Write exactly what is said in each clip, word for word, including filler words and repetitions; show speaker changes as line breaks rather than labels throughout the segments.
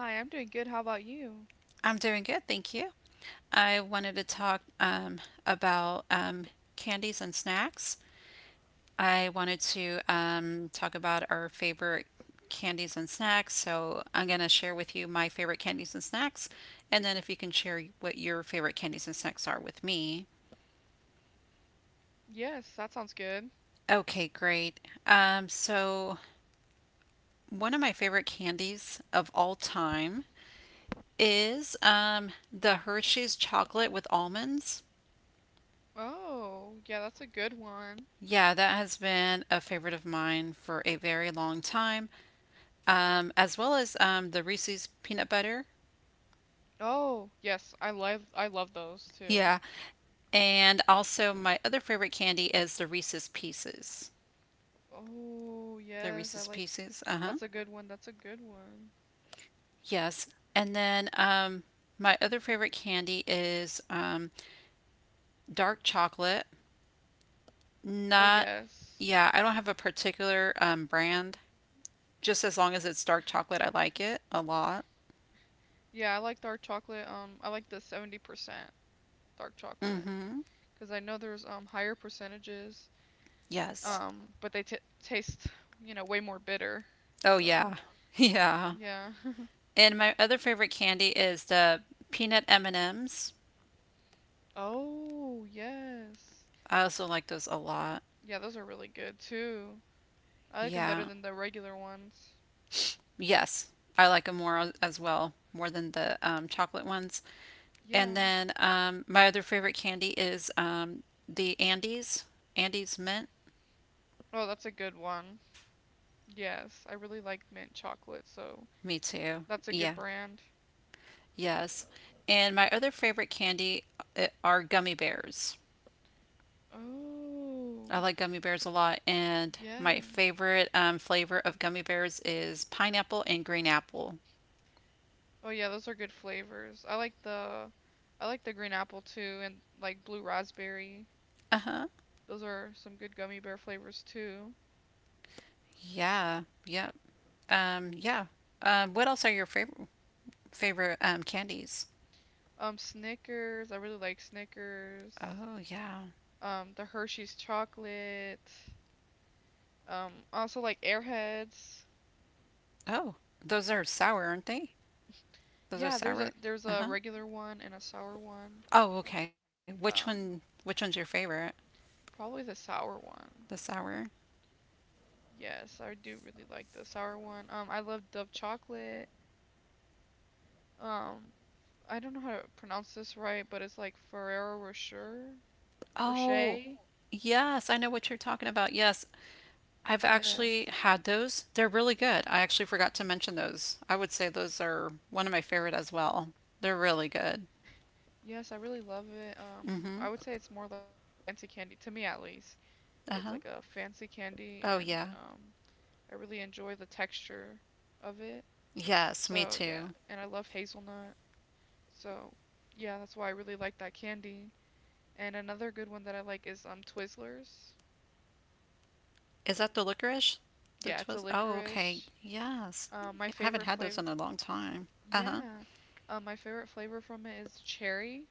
Hi, I'm doing good. How about you?
I'm doing good, thank you. I wanted to talk um, about um, candies and snacks. I wanted to um, talk about our favorite candies and snacks. So I'm going to share with you my favorite candies and snacks, and then if you can share what your favorite candies and snacks are with me.
Yes, that sounds good.
Okay, great. Um, so one of my favorite candies of all time is um, the Hershey's chocolate with almonds.
Oh, yeah, that's a good one.
Yeah, that has been a favorite of mine for a very long time, um, as well as um, the Reese's peanut butter.
Oh, yes, I love I love those too.
Yeah. And also, my other favorite candy is the Reese's Pieces.
Oh,
The
yes, I
Reese's
like
Pieces. Uh huh.
that's a good one. That's a good one.
Yes. And then um, my other favorite candy is um, dark chocolate.
Oh,
Not,
yes.
yeah, I don't have a particular um, brand. Just as long as it's dark chocolate, I like it a lot.
Yeah, I like dark chocolate. Um, I like the seventy percent dark
Mm
chocolate
hmm.
because I know there's um higher percentages.
Yes.
Um, but they t taste, you know, way more bitter.
Oh,
So,
yeah. Yeah.
yeah.
And my other favorite candy is the peanut M&Ms.
Oh, yes.
I also like those a lot.
Yeah, those are really good too. I like them better
Yeah.
than the regular ones.
Yes. I like them more as- as well, more than the um, chocolate ones. And
Yeah.
then um, my other favorite candy is um, the Andes, Andes mint.
Oh, that's a good one. Yes, I really like mint chocolate, so
Me too.
that's a good
Yeah.
brand.
Yes. And my other favorite candy uh, are gummy bears.
Oh,
I like gummy bears a lot, and
yeah.
my favorite um, flavor of gummy bears is pineapple and green apple.
Oh, yeah, those are good flavors. I like the I like the green apple too and like blue raspberry.
Uh huh.
Those are some good gummy bear flavors too.
Yeah, yep. um, yeah. Um, what else are your favorite favorite um, candies?
Um, Snickers, I really like Snickers.
Oh yeah.
Um, the Hershey's chocolate. Um, I also like Airheads.
Oh, those are sour, aren't they? Those are
Yeah, there's a
sour.
there's
Uh
a
huh.
regular one and a sour one.
Oh okay. Which one?
Um,
Which one's your favorite?
probably the sour
The
one.
sour.
Yes, I do really like the sour one. Um, I love Dove chocolate. Um, I don't know how to pronounce this right, but it's like Ferrero Rocher,
Oh
Rocher.
yes, I know what you're talking about. Yes, I've
Yes.
actually had those. They're really good. I actually forgot to mention those. I would say those are one of my favorite as well. They're really good.
Yes, I really love it. Um,
Mm-hmm.
I would say it's more like a fancy candy to me at least. It's like
Uh-huh.
a fancy candy
Oh
and
yeah.
um I really enjoy the texture of it.
Yes, me
So, yeah,
too.
and I love hazelnut. So, yeah, that's why I really like that candy. And another good one that I like is um Twizzlers.
Is that the licorice? The
Yeah, it's a
twist. Oh, okay.
licorice.
Yes.
Um, my
Yeah, I haven't
favorite
had those
flavor,
in a long time. Uh huh.
yeah, uh, my favorite flavor from it is cherry.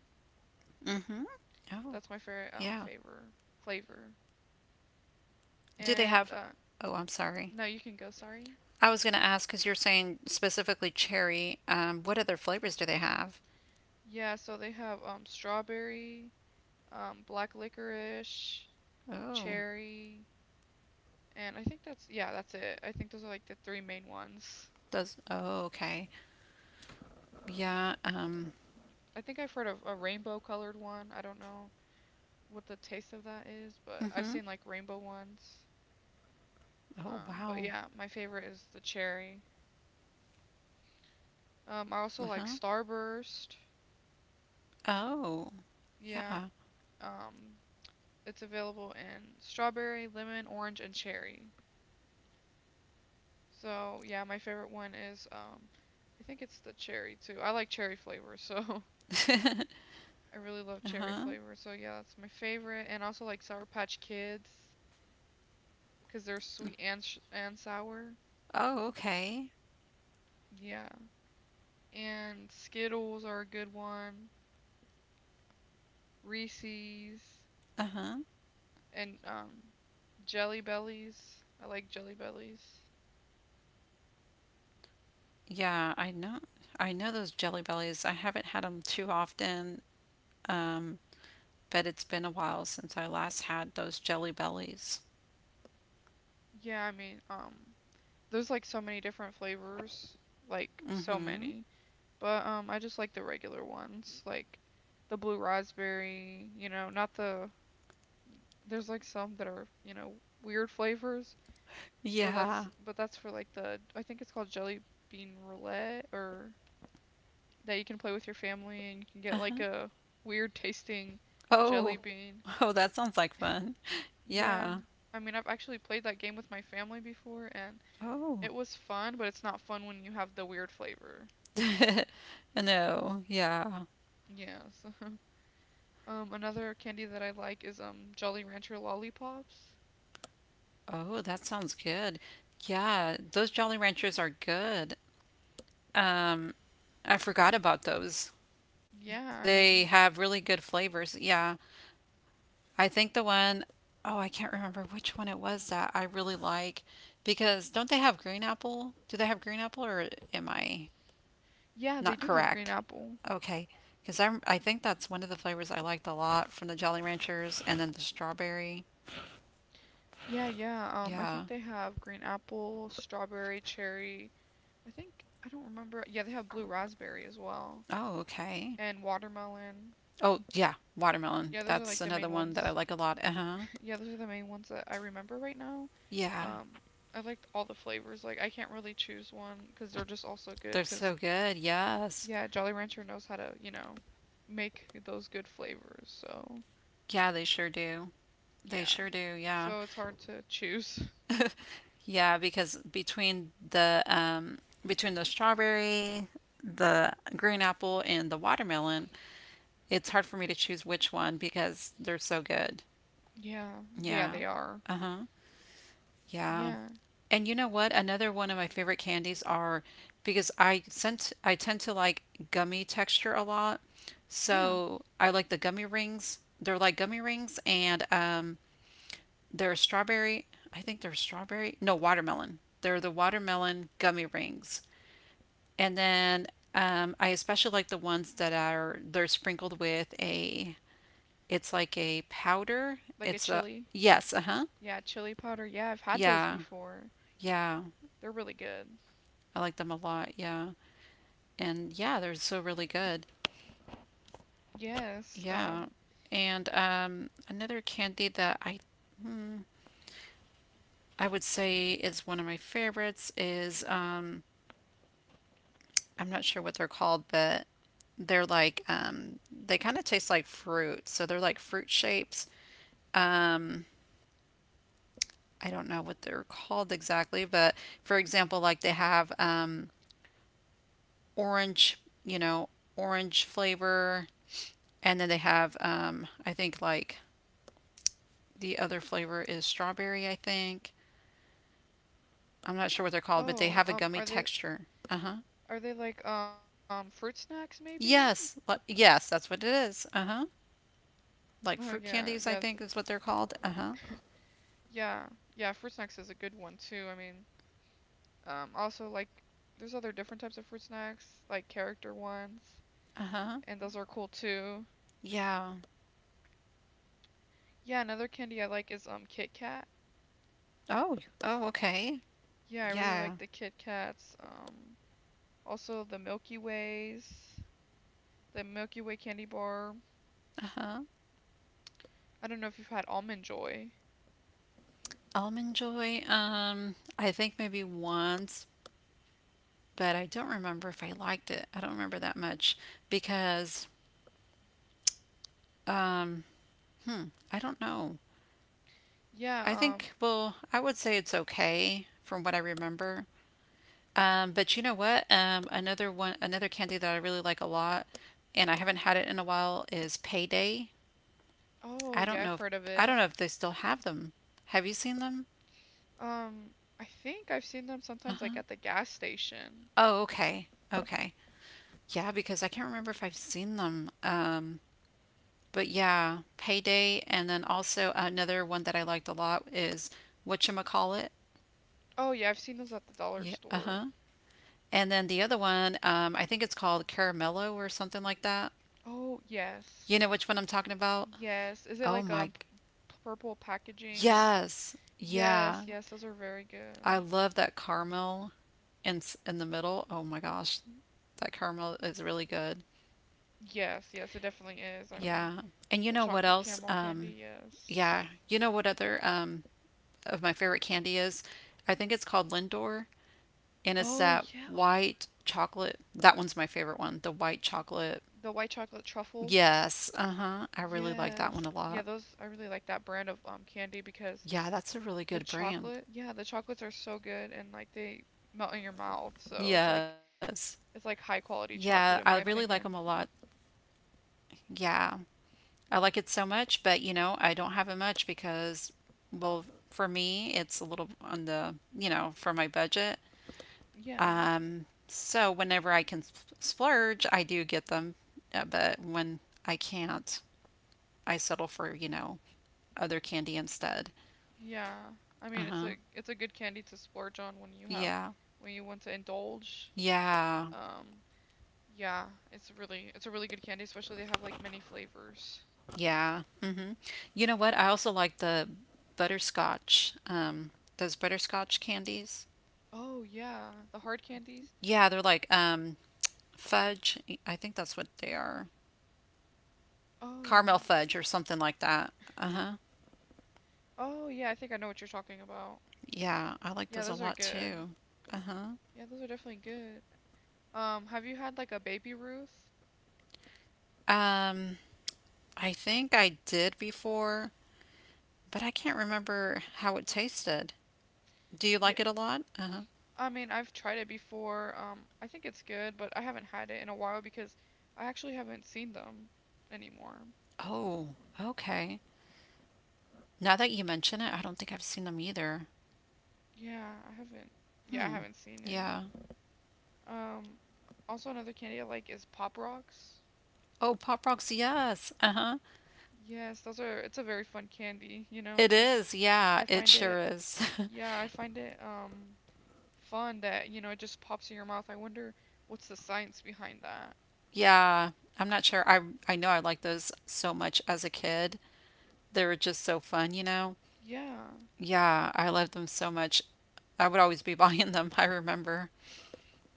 Mm hmm. Oh,
That's my favorite um
yeah.
favor flavor.
Do they
And
have?
uh,
Oh, I'm sorry.
no, you can go. Sorry.
I was going to ask because you're saying specifically cherry. Um, what other flavors do they have?
Yeah, so they have um strawberry, um black licorice,
Oh,
cherry, and I think that's yeah, that's it. I think those are like the three main ones.
does. Oh, okay. Yeah. Um.
I think I've heard of a rainbow colored one. I don't know what the taste of that is, but
Mm
I've
hmm.
seen like rainbow ones.
Oh,
Um, but
wow.
yeah, my favorite is the cherry. Um, I also
Uh
like
huh.
Starburst.
Oh,
Yeah,
yeah.
um, it's available in strawberry, lemon, orange, and cherry. So yeah, my favorite one is um, I think it's the cherry too. I like cherry flavor, so I really love
uh
cherry
huh.
flavor. So yeah, that's my favorite, and also like Sour Patch Kids because they're sweet and sh- and sour.
Oh, okay.
Yeah, and Skittles are a good one. Reese's
Uh huh.
and um Jelly Bellies. I like Jelly Bellies.
Yeah, I know. I know those Jelly Bellies. I haven't had them too often, um, but it's been a while since I last had those Jelly Bellies.
Yeah, I mean, um there's like so many different flavors, like so
Mm-hmm.
many. But um I just like the regular ones, like the blue raspberry, you know, not the there's like some that are, you know, weird flavors, but
Yeah.
that's but that's for like the I think it's called jelly bean roulette or that you can play with your family and you can get like
Uh-huh.
a weird tasting
Oh,
jelly bean.
oh, that sounds like fun.
Yeah. Yeah.
Yeah.
I mean, I've actually played that game with my family before, and
Oh.
it was fun, but it's not fun when you have the weird flavor.
No. Yeah.
Yes. Um, another candy that I like is um Jolly Rancher lollipops.
Oh, that sounds good. Yeah, those Jolly Ranchers are good. Um, I forgot about those.
Yeah,
They
I
have
mean,
really good flavors. Yeah. I think the one, oh, I can't remember which one it was that I really like because don't they have green apple? Do they have green apple or am I
yeah, they
not
do have green
correct?
apple.
Okay, because I I think that's one of the flavors I liked a lot from the Jolly Ranchers and then the strawberry.
Yeah, yeah. Um, I
Yeah.
think they have green apple, strawberry, cherry. I think I don't remember. Yeah, they have blue raspberry as well,
Oh, okay.
and watermelon.
Oh, yeah, watermelon.
Yeah, those are
That's
like the
another
main
one that I
ones.
like a lot. Uh-huh.
Yeah, those are the main ones that I remember right now.
Yeah.
Um, I liked all the flavors. Like I can't really choose one because they're just all so good.
They're
Because
so good. Yes.
yeah, Jolly Rancher knows how to, you know, make those good flavors. So
Yeah, they sure do. They
yeah,
sure do. Yeah.
so it's hard to choose.
Yeah, because between the um, between the strawberry, the green apple, and the watermelon, it's hard for me to choose which one because they're so good.
Yeah, yeah,
Yeah.
they are.
Uh-huh. Yeah.
Yeah,
And you know what? Another one of my favorite candies are because I sent I tend to like gummy texture a lot.
yeah,
So I like the gummy rings. They're like gummy rings and um they're strawberry. I think they're strawberry. No, watermelon. They're the watermelon gummy rings. And then um, I especially like the ones that are they're sprinkled with a it's like a powder.
like a
It's a
chili.
yes, uh-huh.
Yeah, chili powder. Yeah, I've had those
Yeah.
before.
Yeah.
They're really good.
I like them a lot. Yeah. And yeah, they're so really good.
Yes.
Yeah.
Um.
And um, another candy that I I would say is one of my favorites is um, I'm not sure what they're called, but they're like um, they kind of taste like fruit. So they're like fruit shapes. Um, I don't know what they're called exactly, but for example, like they have um, orange, you know, orange flavor, and then they have, um, I think, like the other flavor is strawberry, I think. I'm not sure what they're called, but they
Oh.
have a
Um. Are
gummy
they
texture. Uh huh.
are they like um fruit snacks maybe?
Yes. le- Yes, that's what it is. Uh huh.
Oh yeah,
Like
yeah,
fruit
the
candies, I think is what they're called. Uh huh.
Yeah, yeah, fruit snacks is a good one too. I mean, um, also like there's other different types of fruit snacks, like character ones,
Uh huh.
and those are cool too.
Yeah.
Yeah, another candy I like is um Kit Kat.
Oh. Oh, okay.
Yeah, I really like
Yeah.
the Kit Kats. Um, also the Milky Ways, the Milky Way candy bar.
Uh huh.
I don't know if you've had Almond Joy.
Almond Joy, um, I think maybe once, but I don't remember if I liked it. I don't remember that much because, um, hmm, I don't know.
Yeah,
I
um,
think, well, I would say it's okay from what I remember. Um, but you know what? Um, another one, another candy that I really like a lot, and I haven't had it in a while is Payday.
oh
I don't
yeah, I've
know if
heard of
I don't
it.
know if they still have them. Have you seen them?
Um, I think I've seen them
Uh
sometimes like
huh.
at the gas station.
Oh, okay. Okay. Yeah, because I can't remember if I've seen them. Um, But yeah, Payday, and then also another one that I liked a lot is whatchamacallit.
Oh yeah, I've seen those at the dollar
Yeah, uh
store.
huh. And then the other one, um, I think it's called Caramello or something like that.
Oh,
You
yes.
know which one I'm talking about?
Yes. Is it
Oh
like
my,
um p- purple packaging and
yes, yeah.
yes, yes, those are very good.
I love that caramel in s- in the middle. Oh my gosh, that caramel is really good.
Yes, yes, it definitely is. I mean,
Yeah. And you
a
know what
chocolate
else?
caramel candy,
Um,
yes.
yeah, you know what other um of my favorite candy is? I think it's called Lindor. And it's
Oh,
that
yeah.
white chocolate. That one's my favorite one, the white chocolate.
The white chocolate truffle.
Yes, uh-huh. I really like that one
Yes.
a
Yeah,
lot.
those I really like that brand of um candy because
Yeah, that's a really
the
good brand.
chocolate, yeah, the chocolates are so good and like they melt in your mouth. So it's like
Yes.
it's like high
Yeah,
quality
I
chocolate
really
in
like
my
them a lot.
opinion.
Yeah. I like it so much, but you know, I don't have it much because well, for me, it's a little on the, you know, for my budget.
Yeah.
Um, so whenever I can sp- splurge, I do get them, uh, but when I can't, I settle for, you know, other candy instead.
Yeah. I mean, it's
Uh-huh.
a it's a good candy to splurge on when you have
Yeah.
when you want to indulge.
Yeah.
Um, yeah, it's really it's a really good candy, especially they have like many flavors.
Yeah. hmm You know what? I also like the butterscotch. Um, those butterscotch candies.
Oh, yeah, the hard candies.
Yeah, they're like um fudge. I think that's what they are.
Oh.
Caramel fudge or something like that. Uh-huh.
Oh, yeah, I think I know what you're talking about.
Yeah, I like
Yeah,
those a
those are
lot
good.
too. Uh-huh.
Yeah, those are definitely good. Um, have you had like a baby Ruth?
Um, I think I did before, but I can't remember how it tasted. Do you
Yeah,
like it a lot? Uh-huh.
I mean, I've tried it before. Um, I think it's good, but I haven't had it in a while because I actually haven't seen them anymore.
Oh, okay. Now that you mention it, I don't think I've seen them either.
Yeah, I haven't. Yeah, I
Hmm.
haven't seen it.
Yeah.
Um, also another candy I like is Pop Rocks.
Oh, Pop Rocks. Yes. Uh-huh.
Yes, those are. It's a very fun candy, you know,
It
'cause
is. Yeah,
I
it
find
sure
it.
is.
Yeah, I find it um fun that, you know, it just pops in your mouth. I wonder what's the science behind that.
Yeah. I'm not sure. I I know I liked those so much as a kid. They were just so fun, you know.
Yeah.
Yeah, I loved them so much. I would always be buying them, I remember.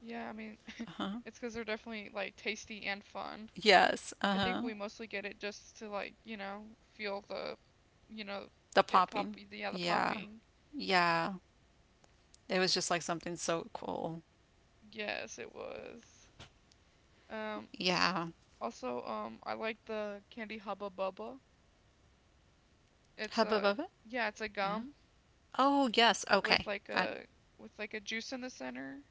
Yeah, I mean,
Uh-huh.
it's 'cause they're definitely like tasty and fun.
Yes.
I think
Uh-huh.
we mostly get it just to like, you know, feel the, you know,
The
it pop,
popping.
yeah, the
Yeah.
popping.
Yeah. It was just like something so cool.
Yes, it was. Um,
Yeah.
also, um, I like the candy Hubba Bubba. It's
Hubba
a
bubba.
yeah, it's a
Uh,
gum
oh, yes.
with
Okay.
like
I,
a with like a juice in the center.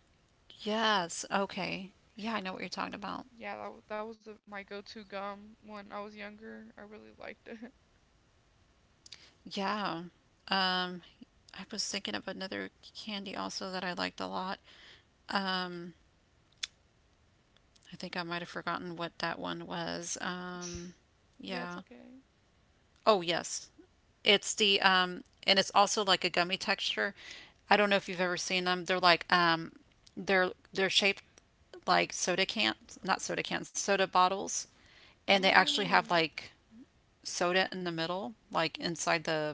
yes. Okay. Yeah, I know what you're talking about.
Yeah, that wa- that was a, my go-to gum when I was younger. I really liked it.
Yeah. Um, I was thinking of another candy also that I liked a lot. Um, I think I might have forgotten what that one was. Um,
Yeah, it's
yeah.
okay.
Oh, yes. It's the um and it's also like a gummy texture. I don't know if you've ever seen them. They're like um they're they're shaped like soda cans, not soda cans, soda bottles, and they actually have
Oh,
like soda in the middle, like inside the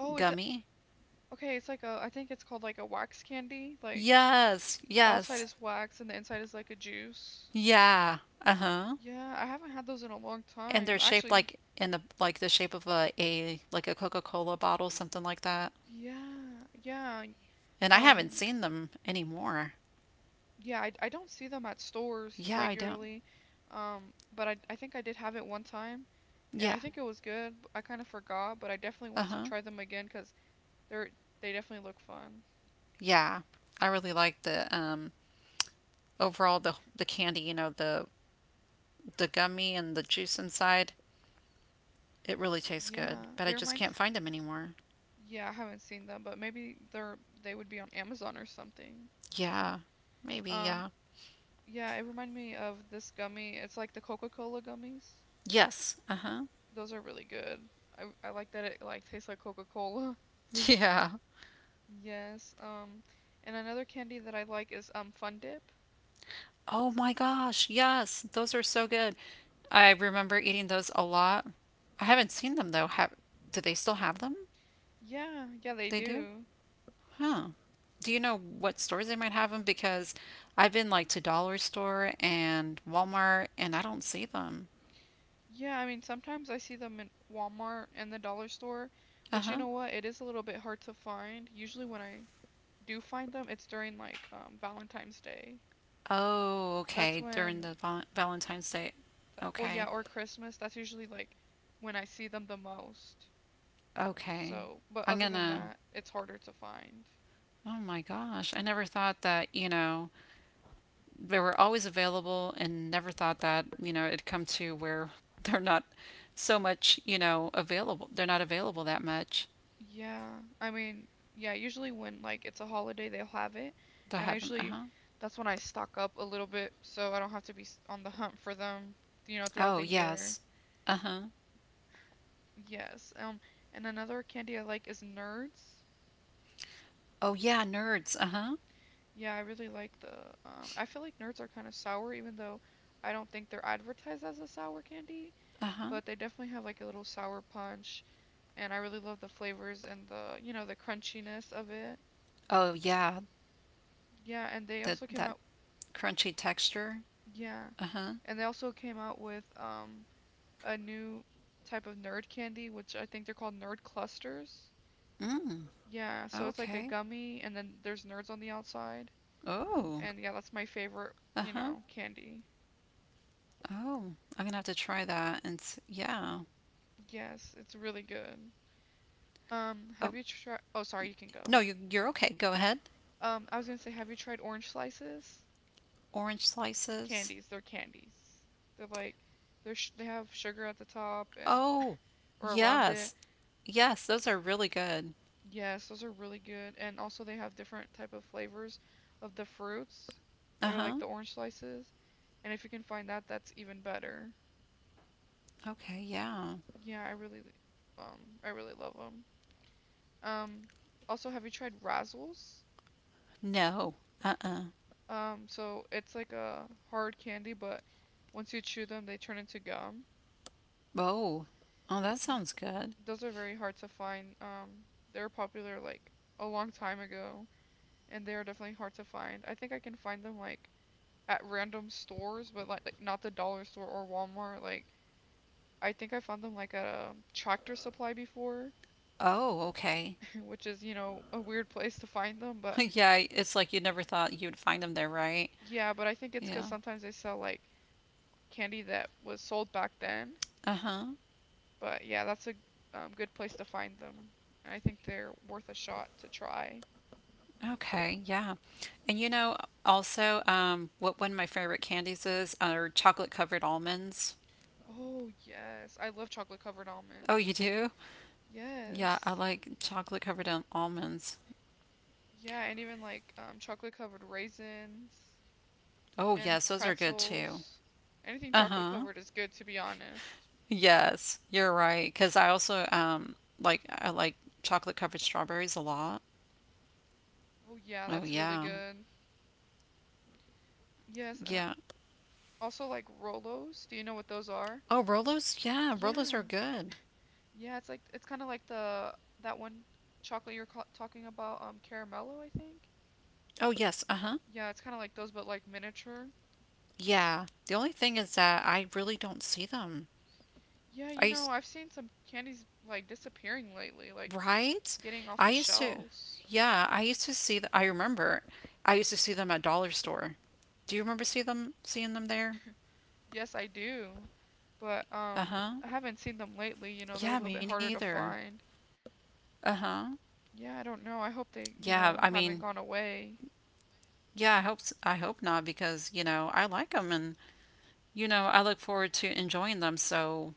oh, is it
gummy.
okay? It's like a I think it's called like a wax candy. Like
Yes,
the outside
yes.
is wax and the inside is like a juice.
Yeah. Uh-huh.
Yeah, I haven't had those in a long
And
time.
they're shaped
Actually,
like in the like the shape of a, a like a Coca-Cola bottle, something like that.
yeah, yeah.
And I haven't
Um.
seen them anymore.
Yeah, I, I don't see them at stores hmm
Yeah, I don't.
regularly, um, but I, I think I did have it one time, and
Yeah.
I think it was good. b- I kind of forgot, but I definitely want to
Uh-huh.
try them again because they're they definitely look fun.
Yeah. I really like the um overall the the candy, you know, the the gummy and the juice inside. It really tastes good,
Yeah,
but
it
I just can't
reminds.
find them anymore.
Yeah, I haven't seen them, but maybe they're they would be on Amazon or something.
Yeah. Maybe,
Um,
yeah.
yeah, it reminded me of this gummy. It's like the Coca-Cola gummies.
Yes. Uh-huh.
Those are really good. I I like that it like tastes like Coca-Cola.
Yeah.
Yes. Um, and another candy that I like is um Fun Dip.
Oh my gosh, yes. Those are so good. I remember eating those a lot. I haven't seen them though. Have Do they still have them?
Yeah, yeah, they
They do?
do.
Huh. Do you know what stores they might have them? Because I've been like to Dollar Store and Walmart and I don't see them.
Yeah, I mean, sometimes I see them in Walmart and the dollar store,
Uh
but you
huh.
know what? It is a little bit hard to find. Usually when I do find them, it's during like um, Valentine's Day.
Oh,
That's
okay. During
when,
the val- Valentine's Day.
th oh yeah,
Okay.
or Christmas. That's usually like when I see them the most.
Okay.
So, but
I'm
other than
gonna.
that, it's harder to find.
Oh my gosh. I never thought that, you know, they were always available and never thought that, you know, it'd come to where they're not so much, you know, available. They're not available that much.
Yeah, I mean, yeah, usually when like it's a holiday, they'll have it,
They'll
and I
have them. Uh
usually
huh.
that's when I stock up a little bit so I don't have to be s- on the hunt for them, you know, throughout
Oh,
the year.
yes. Uh huh.
Yes. Um, and another candy I like is Nerds.
Oh, yeah, nerds. Uh huh.
Yeah, I really like the um I feel like Nerds are kind of sour even though I don't think they're advertised as a sour candy,
Uh huh.
but they definitely have like a little sour punch and I really love the flavors and the, you know, the crunchiness of it.
Oh, yeah.
Yeah, and they
That,
also came
that
out
crunchy texture.
yeah.
Uh huh.
And they also came out with um a new type of nerd candy, which I think they're called nerd clusters.
Mm.
Yeah, so it's like a
Okay.
gummy and then there's nerds on the outside.
Oh.
And yeah, that's my favorite,
Uh
you
huh.
know, candy.
Oh, I'm gonna have to try that and s yeah.
Yes, it's really good. Um, have
Oh,
you tried Oh, sorry, you can go.
no, you you're okay. Go ahead.
Um, I was gonna say, have you tried orange slices?
Orange slices.
Candies, they're candies. They're like they're sh they have sugar at the top and
Oh,
or around it.
yes. Yes, those are really good.
Yes, those are really good. And also they have different type of flavors of the fruits that are
Uh-huh.
like the orange slices. And if you can find that, that's even better.
Okay, yeah.
Yeah, I really um I really love them. Um also have you tried Razzles?
No. Uh-uh.
Um so it's like a hard candy, but once you chew them, they turn into gum.
Oh. Oh, that
Y
sounds good.
Those are very hard to find. Um they were popular like a long time ago, and they are definitely hard to find. I think I can find them like at random stores, but like, like not the dollar store or Walmart. Like I think I found them like at a tractor supply before,
Oh, okay.
which is you know a weird place to find them. But
Yeah, it's like you never thought you'd find them there, right?
yeah, but I think it's because
Yeah.
sometimes they sell like candy that was sold back then.
Uh-huh.
But yeah, that's a um, good place to find them, and I think they're worth a shot to try.
Okay, yeah. And you know, also, um, what one of my favorite candies is are chocolate covered almonds.
Oh yes, I love chocolate covered
Oh, you
almonds.
do? Yeah, I
Yes.
like chocolate covered almonds.
Yeah, and even like um, chocolate covered raisins.
Oh, yes,
And
those are good too.
pretzels. Anything chocolate
Uh-huh.
covered is good, to be honest.
Yes, you're right. Because I also um like I like chocolate covered strawberries a lot.
Oh yeah,
Oh
that's really
yeah,
good. Yes, and I
yeah.
also like Rolos. Do you know what those are?
Oh Rolos, yeah, Rolos are
Yeah,
good.
yeah. It's like it's kind of like the that one chocolate you're ca- talking about, um, Caramello, I think.
Oh yes, uh huh.
Yeah, it's kind of like those, but like miniature.
Yeah. The only thing is that I really don't see them.
Yeah,
I
you know,
used
I've seen some candies like disappearing lately, like
right.
getting off
I
the
used to.
shelves.
Yeah, I used to see. Th- I remember. I used to see them at dollar store. Do you remember see them seeing them there?
Yes, I do, but
Uh
um,
huh.
I haven't seen them lately. You know, they're a
Yeah,
little
me
bit harder to
neither.
find.
Uh huh.
Yeah, I don't know. I hope they, you
Yeah, I
know,
mean.
haven't gone away.
Yeah, I hope s- I hope not because, you know, I like them, and you know, I look forward to enjoying them. So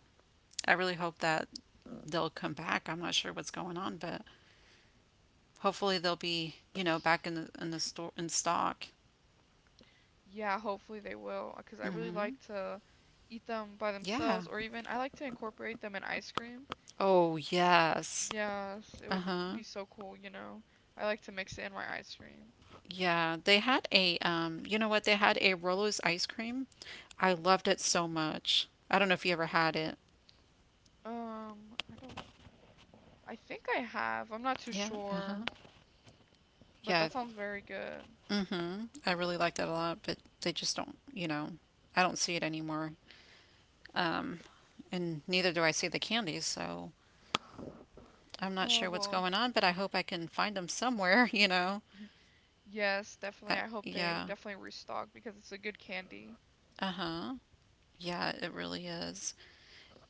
I really hope that they'll come back. I'm not sure what's going on, but hopefully they'll be, you know, back in the in the store in stock.
Yeah, hopefully they will, because I really
Mhm.
like to eat them by
Yeah.
themselves, or even I like to incorporate them in ice cream.
Oh, yes.
Yes, it would
Uh-huh.
be so cool, you know. I like to mix it in my ice cream.
Yeah, they had a um, you know what? They had a Rolo's ice cream. I loved it so much. I don't know if you ever had it.
Um, I don't, I think I have. I'm not too
Yeah, uh-huh.
sure, but
Yeah,
that sounds very good.
hmm I really like that a lot, but they just don't, you know, I don't see it anymore. Um, and neither do I see the candies, so I'm not
Uh,
sure what's
well,
going on, but I hope I can find them somewhere, you know.
yes, definitely.
Uh,
I hope they
yeah.
definitely restock because it's a good candy.
Uh-huh. Yeah, it really is.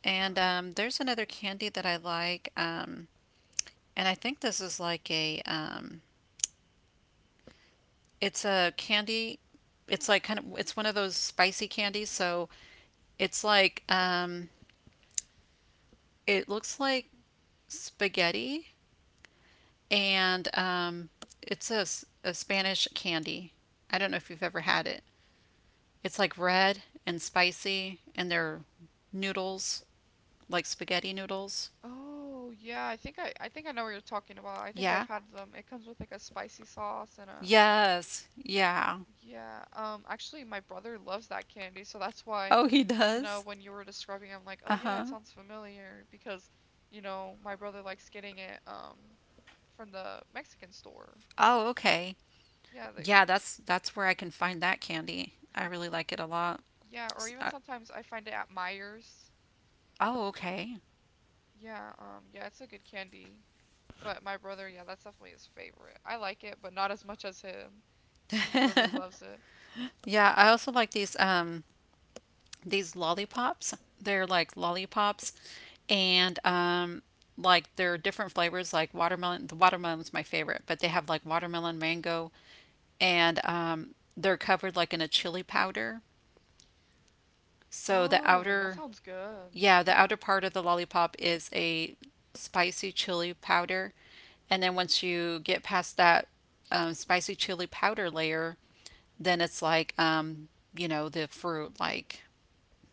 And um, there's another candy that I like, um, and I think this is like a, um, it's a candy. It's like kind of, it's one of those spicy candies, so it's like, um, it looks like spaghetti, and um, it's a a Spanish candy. I don't know if you've ever had it. It's like red and spicy, and they're noodles, like spaghetti noodles.
Oh, yeah, I think I I think I know what you're talking about. I think I've
Yeah?
had them. It comes with like a spicy sauce and a
Yes. Yeah.
yeah. Um, actually my brother loves that candy, so that's why,
Oh, he
you know,
does?
when you were describing it, I'm like, "Oh yeah, it
Uh-huh.
sounds familiar" because, you know, my brother likes getting it um from the Mexican store.
Oh, okay.
Yeah, they
Yeah, that's that's where I can find that candy. I really like it a lot.
yeah, or
S-
even
uh,
sometimes I find it at Meijer's.
Oh, okay.
Yeah, um yeah, it's a good candy. But my brother, yeah, that's definitely his favorite. I like it, but not as much as him. He really loves it.
Yeah, I also like these um these lollipops. They're like lollipops, and um, like there are different flavors. Like watermelon, the watermelon's my favorite, but they have like watermelon, mango, and um, they're covered like in a chili powder. So the
Oh, well, that
outer,
sounds good.
yeah, the outer part of the lollipop is a spicy chili powder, and then once you get past that um, spicy chili powder layer, then it's like um, you know the fruit like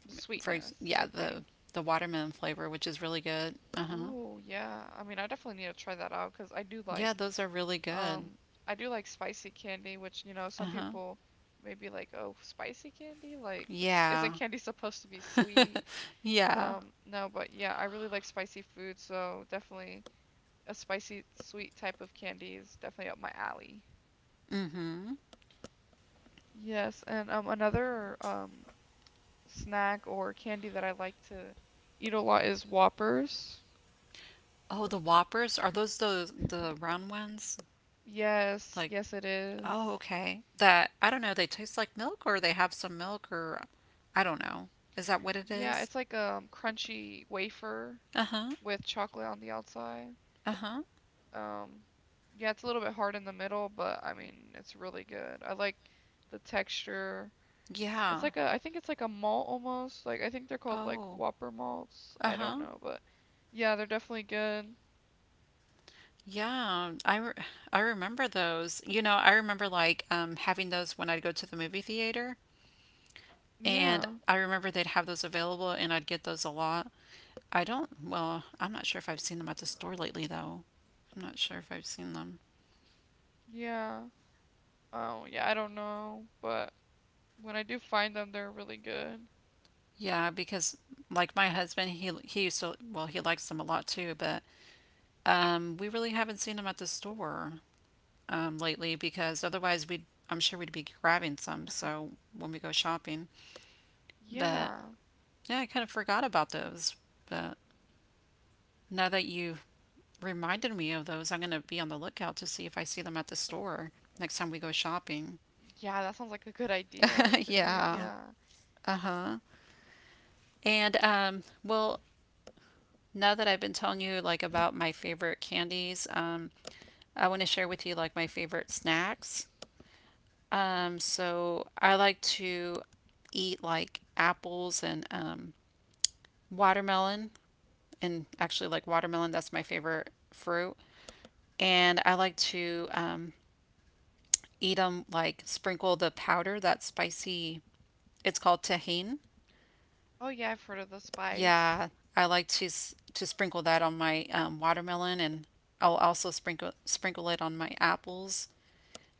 The
for
sweetness,
yeah
I
the
think.
the watermelon flavor, which is really good. Uh huh.
Oh, yeah. I mean, I definitely need to try that out because I do like,
Yeah, those are really good.
um, I do like spicy candy, which, you know,
Uh
some
huh.
people may be like, oh, spicy candy? Like, isn't
Yeah.
candy supposed to be sweet?
yeah.
Um, no, but yeah, I really like spicy food, so definitely a spicy, sweet type of candy is definitely up my alley.
Mm-hmm.
Yes, and um, another um snack or candy that I like to eat a lot is Whoppers.
Oh, the Whoppers? Are those the the round ones?
Yes,
Like,
yes it
oh,
is.
okay. That I don't know, they taste like milk or they have some milk or I don't know. Is that what it
Yeah,
is?
it's like a crunchy wafer
Uh-huh.
with chocolate on the outside.
Uh-huh.
Um, yeah, it's a little bit hard in the middle, but I mean, it's really good. I like the texture. It's
Yeah.
like a, I think it's like a malt almost. Like I think they're called like
Oh.
Whopper malts. I don't
Uh-huh.
know, but yeah, they're definitely good.
Yeah. I re I remember those. You know, I remember like um having those when I'd go to the movie theater. And
Yeah.
I remember they'd have those available, and I'd get those a lot. I don't, well, I'm not sure if I've seen them at the store lately though. I'm not sure if I've seen them.
Yeah. Oh, yeah, I don't know, but when I do find them, they're really good.
Yeah, because like my husband, he he used to, well, he likes them a lot too, but um, we really haven't seen them at the store um, lately because otherwise we'd, I'm sure we'd be grabbing some. So when we go shopping, but
Yeah.
yeah, I kind of forgot about those. But now that you reminded me of those, I'm going to be on the lookout to see if I see them at the store next time we go shopping.
Yeah, that sounds like a good idea to do.
yeah.
Yeah.
And um, well, now that I've been telling you like about my favorite candies, um, I want to share with you like my favorite snacks. Um, so I like to eat like apples and um, watermelon, and actually like watermelon. That's my favorite fruit. And I like to um, eat them like sprinkle the powder, that spicy. It's called tahine.
Oh yeah, I've heard of the spice.
Yeah, I like to s- to sprinkle that on my um, watermelon, and I'll also sprinkle sprinkle it on my apples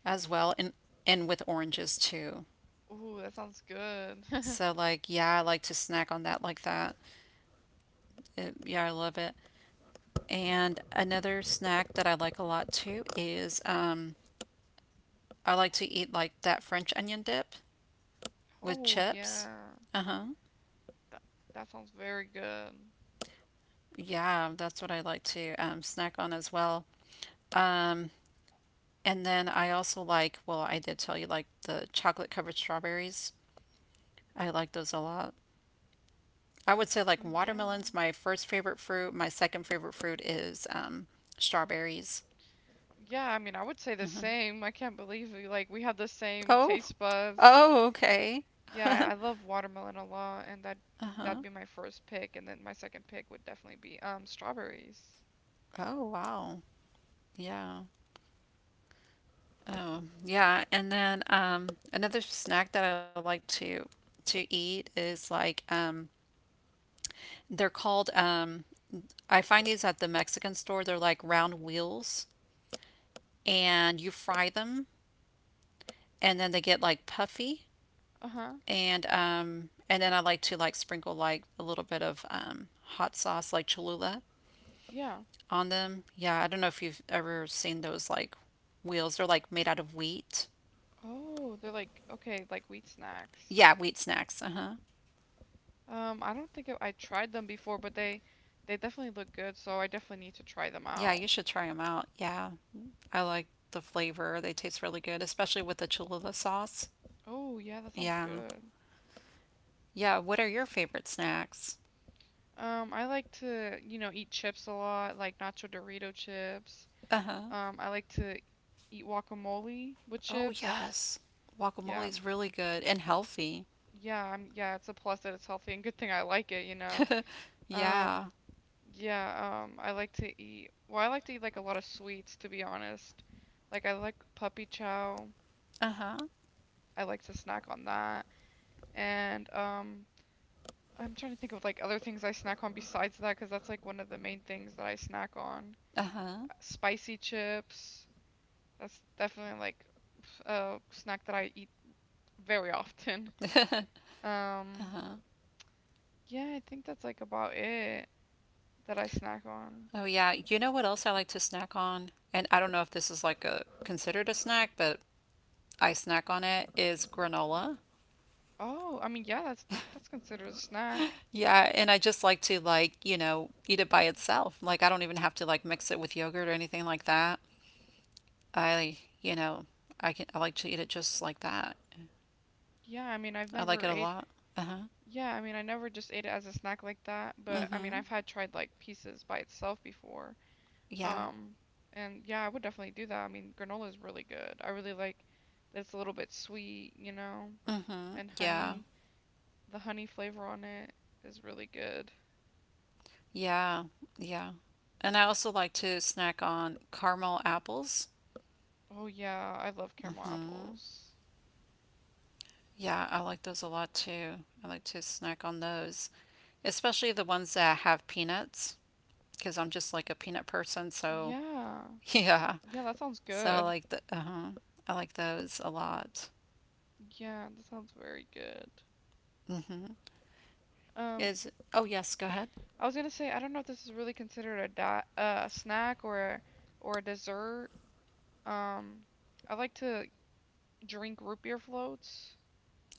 as well, and and with oranges too.
Ooh, that sounds good.
So like, yeah, I like to snack on that like that. It, yeah, I love it. And another snack that I like a lot too is um, I like to eat like that French onion dip with
Oh
chips.
yeah.
Uh huh.
That that sounds very good.
Yeah, that's what I like to um, snack on as well. And then I also like, well, I did tell you like the chocolate covered strawberries. I like those a lot. I would say like
Oh yeah.
watermelon's my first favorite fruit. My second favorite fruit is um, strawberries.
Yeah, I mean, I would say the same. I can't believe we like we have the same
Oh,
taste buds.
oh, okay.
Yeah, I love watermelon a lot, and that that'd
Uh-huh.
be my first pick, and then my second pick would definitely be um strawberries.
Oh, wow. Yeah. Oh, yeah. And then um, another snack that I like to to eat is like um, they're called um, I find these at the Mexican store. They're like round wheels, and you fry them, and then they get like puffy
Uh-huh.
and um and then I like to like sprinkle like a little bit of um hot sauce like Cholula
Yeah.
on them. Yeah, I don't know if you've ever seen those like wheels. They're like made out of wheat.
Oh, they're like okay, like wheat snacks.
Yeah, wheat snacks. Uh-huh.
Um, I don't think I I tried them before, but they they definitely look good, so I definitely need to try them
Yeah,
out.
you should try them out. Yeah. I like the flavor. They taste really good, especially with the Cholula sauce.
Oh, yeah, that sounds
Yeah.
good.
Yeah, what are your favorite snacks?
Um, I like to, you know, eat chips a lot, like nacho Dorito chips.
Uh-huh.
Um, I like to eat guacamole with
Oh,
chips.
yes. Guacamole
Yeah,
is really good and healthy.
yeah, I'm, yeah, it's a plus that it's healthy and good thing I like it, you know. Um,
Yeah.
Yeah. yeah, um, I like to eat, well, I like to eat like a lot of sweets, to be honest. Like I like puppy chow.
Uh-huh.
I like to snack on that. And um, I'm trying to think of like other things I snack on besides that, because that's like one of the main things that I snack on.
Uh-huh.
Spicy chips. That's definitely like a snack that I eat very often. Um,
Uh-huh.
yeah, I think that's like about it that I snack on.
Oh yeah. You know what else I like to snack on? And I don't know if this is like a considered a snack, but I snack on it is granola.
Oh, I mean, yeah, that's that's considered a snack.
Yeah, and I just like to like, you know, eat it by itself. Like I don't even have to like mix it with yogurt or anything like that. I, you know, I can I like to eat it just like that.
Yeah, I mean, I've
I like
never
it a
ate.
lot. Uh-huh.
Yeah, I mean, I never just ate it as a snack like that, but I mean,
Mm-hmm.
I've had tried like pieces by itself before.
Yeah.
Um, and yeah, I would definitely do that. I mean, granola is really good. I really like that it's a little bit sweet, you know,
Mm-hmm.
and
Yeah.
honey. The honey flavor on it is really good.
Yeah. Yeah. And I also like to snack on caramel apples.
Oh yeah, I love caramel
Mm-hmm.
apples.
Yeah, I like those a lot too. I like to snack on those, especially the ones that have peanuts, because I'm just like a peanut person. So
Yeah.
yeah,
Yeah, that sounds
so I
good.
like the uh-huh. I like those a lot.
Yeah, that sounds very good.
hmm
Um,
Is oh yes, go ahead.
I was gonna say I don't know if this is really considered a di uh, snack or a, or a dessert. Um, I like to drink root beer floats.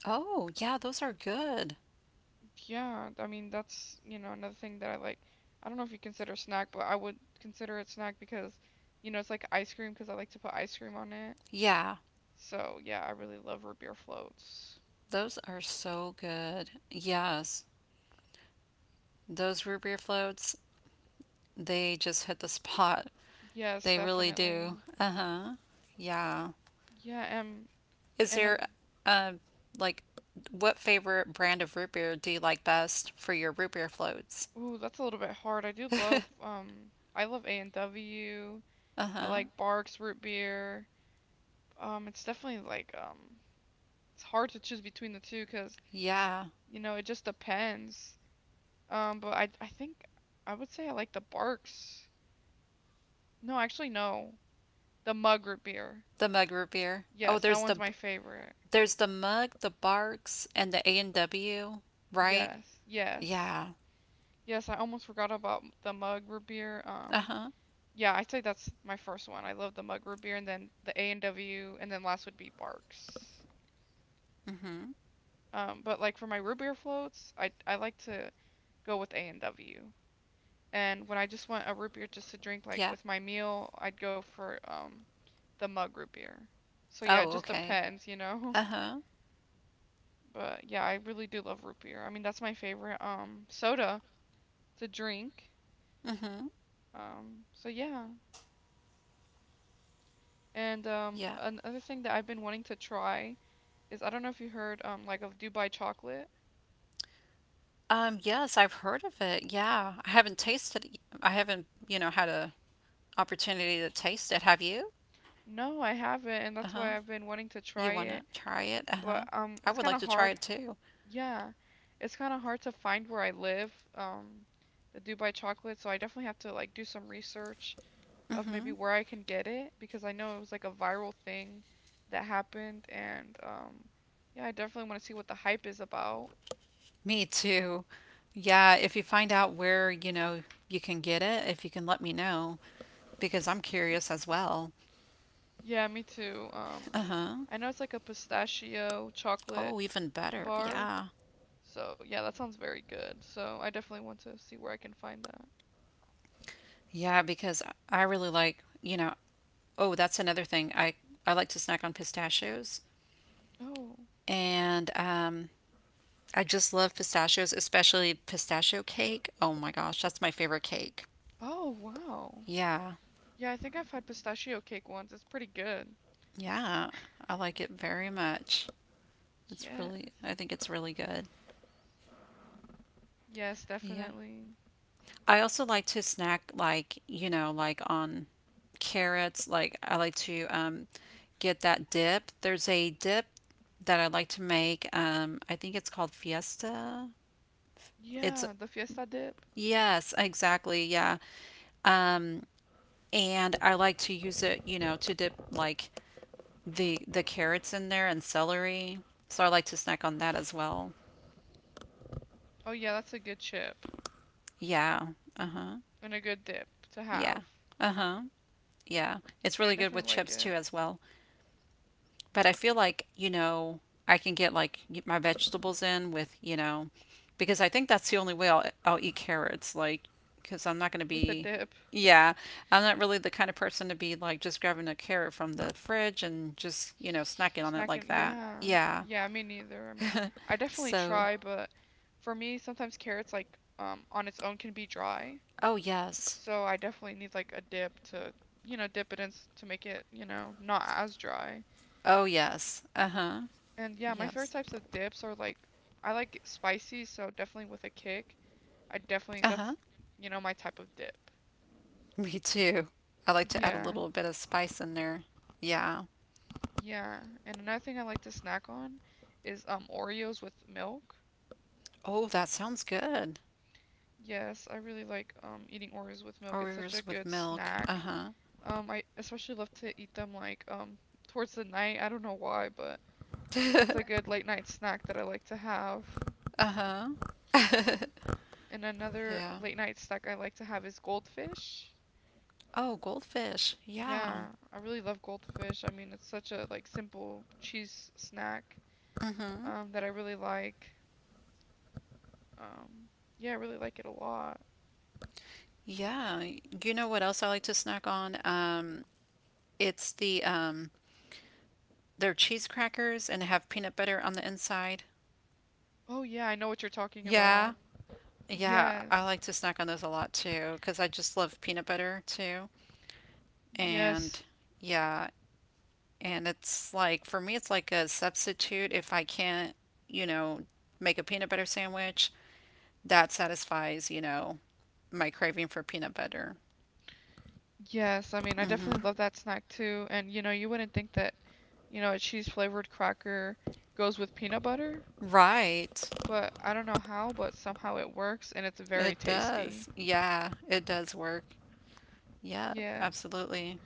Oh yeah, those are good.
Yeah, I mean that's, you know, another thing that I like. I don't know if you consider snack, but I would consider it snack because, you know, it's like ice cream because I like to put ice cream on it.
Yeah,
So yeah, I really love root beer floats.
those are so good. Yes, those root beer floats, they just hit the spot.
Yes,
They really do.
definitely.
Uh huh. Yeah.
Yeah, and
Is
and an,
there, um, like, what favorite brand of root beer do you like best for your root beer floats?
ooh, that's a little bit hard. I do love um I love A and W. I
Uh-huh.
like Barks root beer. Um, it's definitely like um it's hard to choose between the two 'cause
Yeah,
you know it just depends. Um, but I I think I would say I like the Barks. No, actually no, the Mug root beer.
the mug root beer. Oh,
Yes, that
there's
one's
the
my favorite.
there's the mug, the Barks, and the A and W, right?
Yes, yes.
Yeah.
Yes, I almost forgot about the mug root beer. Um,
Uh-huh.
yeah, I'd say that's my first one. I love the mug root beer, and then the A and W, and then last would be Barks.
Mm-hmm.
Um, but like for my root beer floats, I I like to go with A and W. And when I just want a root beer just to drink, like
Yeah.
with my meal, I'd go for um the mug root beer. So yeah, it
Oh,
just
okay.
depends, you know.
Uh-huh.
But yeah, I really do love root beer. I mean, that's my favorite um soda to drink.
Mm-hmm.
Um, so yeah. And um,
Yeah.
another thing that I've been wanting to try is I don't know if you heard um like of Dubai chocolate.
Um, yes, I've heard of it. Yeah. I haven't tasted it. I haven't, you know, had a opportunity to taste it. Have you?
No, I haven't, and
Uh
that's
huh.
why I've been wanting to
You
try
want to
it.
try it? Uh
But
huh.
um,
I
it's
would
kind
like
of
to try
hard.
it too.
Yeah, it's kind of hard to find where I live. Um, the Dubai chocolate, so I definitely have to like do some research of maybe
hmm
where I can get it because I know it was like a viral thing that happened, and um, yeah, I definitely want to see what the hype is about.
Me too. Yeah, if you find out where, you know, you can get it, if you can let me know, because I'm curious as well.
Yeah, me too. Um,
Uh huh.
I know it's like a pistachio chocolate
Oh, even better.
bar.
Yeah.
So yeah, that sounds very good. So I definitely want to see where I can find that.
Yeah, because I really like, you know, oh, that's another thing. I, I like to snack on pistachios.
Oh.
And um, I just love pistachios, especially pistachio cake. Oh my gosh, that's my favorite cake.
Oh, wow.
Yeah.
Yeah, I think I've had pistachio cake once. It's pretty good.
Yeah. I like it very much. It's
Yes.
really, I think it's really good.
Yes,
Yeah.
definitely.
I also like to snack, like, you know, like on carrots. Like, I like to um, get that dip. There's a dip that I like to make. Um, I think it's called Fiesta. It's,
Yeah, the fiesta dip.
yes, exactly. Yeah. And I like to use it, you know, to dip like the the carrots in there and celery. So I like to snack on that as well.
Oh yeah, that's a good chip
Yeah. Uh-huh.
and a good dip to have.
Yeah. Uh-huh. Yeah. It's
Yeah, I
really good
definitely
with
like
chips
it
too as well. But I feel like, you know, I can get like my vegetables in with, you know, because I think that's the only way I'll I'll eat carrots, like, because I'm not going to
with a
be,
dip.
yeah, I'm not really the kind of person to be like just grabbing a carrot from the fridge and just, you know, snacking on it like
Snacking,
that.
yeah.
Yeah.
Yeah, me neither. I mean, I definitely
So,
try, but for me, sometimes carrots, like, um, on its own can be dry.
oh yes.
So I definitely need, like, a dip to, you know, dip it in s- to make it, you know, not as dry.
Oh yes. Uh-huh.
And yeah, my favorite
Yes.
types of dips are, like, I like it spicy, so definitely with a kick. I definitely,
Uh-huh.
that's, you know, my type of dip.
Me too. I like to add a
Yeah.
little bit of spice in there. Yeah.
Yeah. And another thing I like to snack on is, um, Oreos with milk.
Oh, that sounds good.
Yes, I really like um eating Oreos with milk. It's such a
Oreos with
good
milk.
snack.
Uh
Um, I especially love to eat them like um towards the night. I don't know why, but
huh.
it's a good late night snack that I like to have.
uh huh.
And another
yeah.
late night snack I like to have is goldfish.
Oh, goldfish. Yeah.
Yeah, I really love goldfish. I mean, it's such a like simple cheese snack
Mm-hmm.
um that I really like. Um, yeah, I really like it a lot.
Yeah. Y- You know what else I like to snack on? Um, it's the um, they're cheese crackers and have peanut butter on the inside.
Oh yeah, I know what you're talking
Yeah.
about.
Yeah, I
Yes.
like to snack on those a lot too, because I just love peanut butter too. And
Yes,
yeah, and it's like for me, it's like a substitute if I can't, you know, make a peanut butter sandwich. That satisfies, you know, my craving for peanut butter.
Yes, I mean, I
Hmm.
definitely love that snack too. And you know, you wouldn't think that, you know, a cheese flavored cracker goes with peanut butter,
Right.
but I don't know how, but somehow it works and it's very
It
tasty.
does. Yeah, it does work. Yep,
Yeah.
absolutely.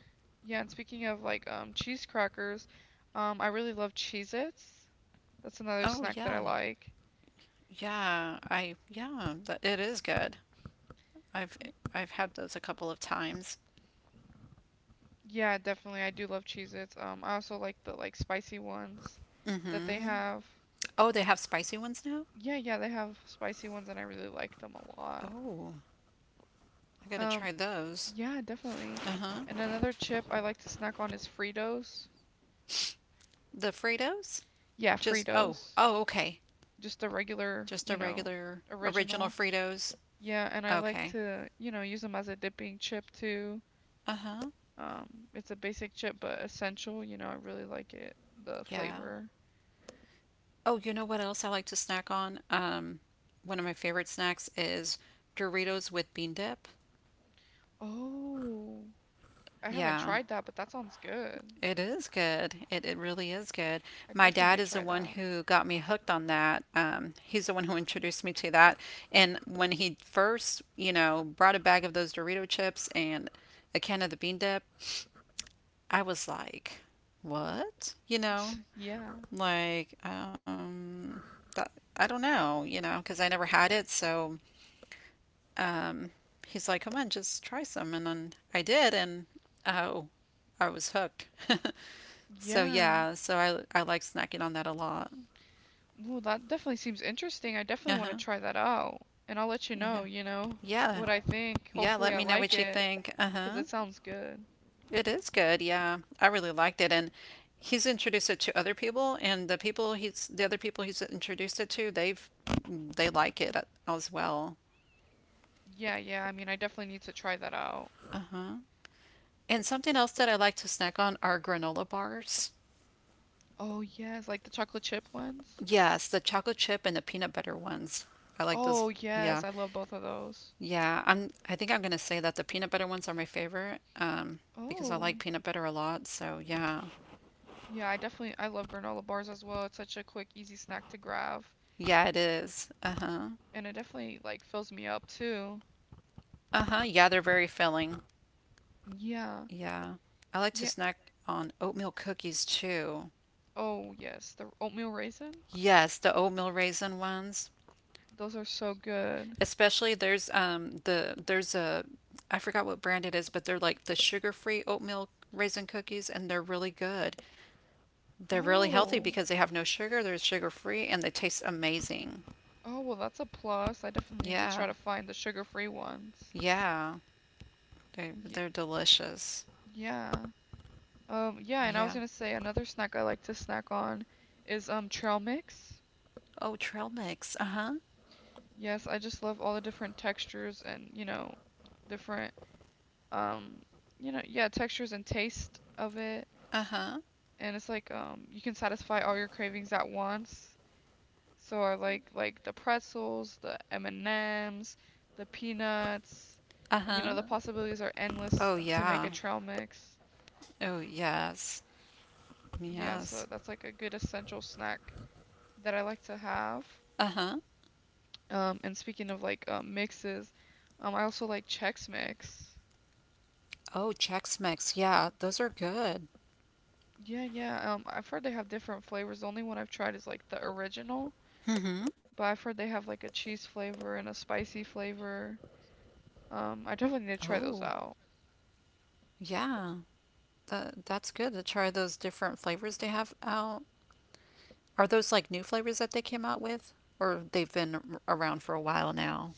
Yeah, and speaking of like um cheese crackers, um I really love Cheez-Its. That's another
Oh
snack that I
yeah.
like.
Yeah, I yeah, th it is good. I've
Y
I've had those a couple of times.
yeah, definitely I do love Cheez-Its. Um I also like the like spicy ones that they
Hmm.
have.
Oh, they have spicy ones now?
Yeah, yeah, they have spicy ones and I really like them a lot.
Oh, I gotta
Um
try those.
Yeah, definitely.
Uh-huh.
And another chip I like to snack on is Fritos.
The Fritos?
Yeah,
Just oh,
Fritos.
oh, okay.
Just the regular,
Just
you
a
know,
regular original
original.
Fritos.
Yeah, and I like
Okay.
to, you know, use them as a dipping chip too.
Uh-huh.
Um, it's a basic chip but essential, you know, I really like it, the
Yeah.
flavor.
Oh, you know what else I like to snack on? Um, one of my favorite snacks is Doritos with bean dip.
Oh, I haven't
Yeah,
tried that, but that sounds good.
it is good. It, it really is good.
I
My
definitely
dad
need to
is the
try
one
that.
who got me hooked on that. Um, he's the one who introduced me to that. And when he first, you know, brought a bag of those Dorito chips and a can of the bean dip, I was like, what? You know,
Yeah.
like, um, that, I don't know, you know, because I never had it. So um, he's like, come on, just try some. And then I did, and oh, I was hooked. So
Yeah.
yeah, so I I like snacking on that a lot.
Well, that definitely seems interesting. I
Uh
definitely want to
huh.
try that out. And I'll let you
Yeah.
know, you know,
Yeah.
what I think.
Yeah.
Hopefully
Let
I
me know
like
what you
it,
think. Uh
cause
huh.
it sounds good.
It is good. Yeah, I really liked it, and he's introduced it to other people, and the people he's the other people he's introduced it to, they've they like it as well.
Yeah, yeah, I mean, I definitely need to try that out.
Uh huh. And something else that I like to snack on are granola bars.
Oh, yes, like the chocolate chip ones.
Yes, the chocolate chip and the peanut butter ones. I like those.
Oh,
Yeah.
yes, I love both of those.
Yeah, I'm I think I'm gonna say that the peanut butter ones are my favorite, um, because I
Oh,
like peanut butter a lot, so yeah.
yeah, I definitely I love granola bars as well. It's such a quick, easy snack to grab,
Yeah, it is. Uh-huh.
and it definitely like fills me up too.
Uh-huh. Yeah, they're very filling.
Yeah.
Yeah. I like to
Yeah.
snack on oatmeal cookies too.
Oh, yes, the oatmeal raisin.
Yes, the oatmeal raisin ones.
Those are so good.
Especially there's um the there's a I forgot what brand it is, but they're like the sugar-free oatmeal raisin cookies and they're really good. They're really healthy
Oh.
because they have no sugar, they're sugar free, and they taste amazing.
Oh, well, that's a plus. I definitely need to try
Yeah,
to find the sugar-free ones.
yeah, they
Y
they're delicious.
yeah. Um, yeah, and I was
Yeah.
gonna say another snack I like to snack on is um trail mix.
Oh, trail mix. Uh huh.
Yes, I just love all the different textures and, you know, different um, you know, yeah, textures and taste of it.
Uh huh.
And it's like um you can satisfy all your cravings at once. So I like like the pretzels, the M&Ms, the peanuts.
Uh
You
huh.
know, the possibilities are endless
Oh
to make a
yeah.
trail mix.
Oh yes.
Yeah, so
Yes.
that's like a good essential snack that I like to have.
Uh huh.
Um, and speaking of like um, mixes, um, I also like Chex Mix.
Oh, Chex Mix. Yeah, those are good.
Yeah, yeah. Um, I've heard they have different flavors. The only one I've tried is like the original,
Mm-hmm.
but I've heard they have like a cheese flavor and a spicy flavor. Um, I definitely need to try
Oh,
those out.
yeah. That that's good to try those different flavors they have out. Are those like new flavors that they came out with, or they've been r- around for a while now?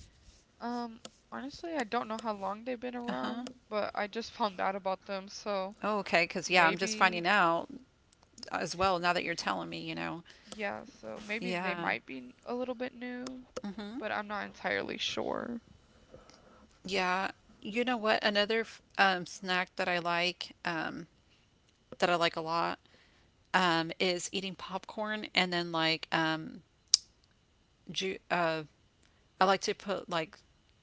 Um, honestly, I don't know how long they've been
Uh huh.
around, but I just found out about them, so
Oh, okay. Because, yeah, I'm just
maybe,
finding out as well now that you're telling me, you know.
yeah, so maybe they
Yeah.
might be a little bit new,
Hmm.
but I'm not entirely sure.
Yeah. You know what? Another f- um, snack that I like, um, that I like a lot, um, is eating popcorn and then like, um, ju- uh, I like to put like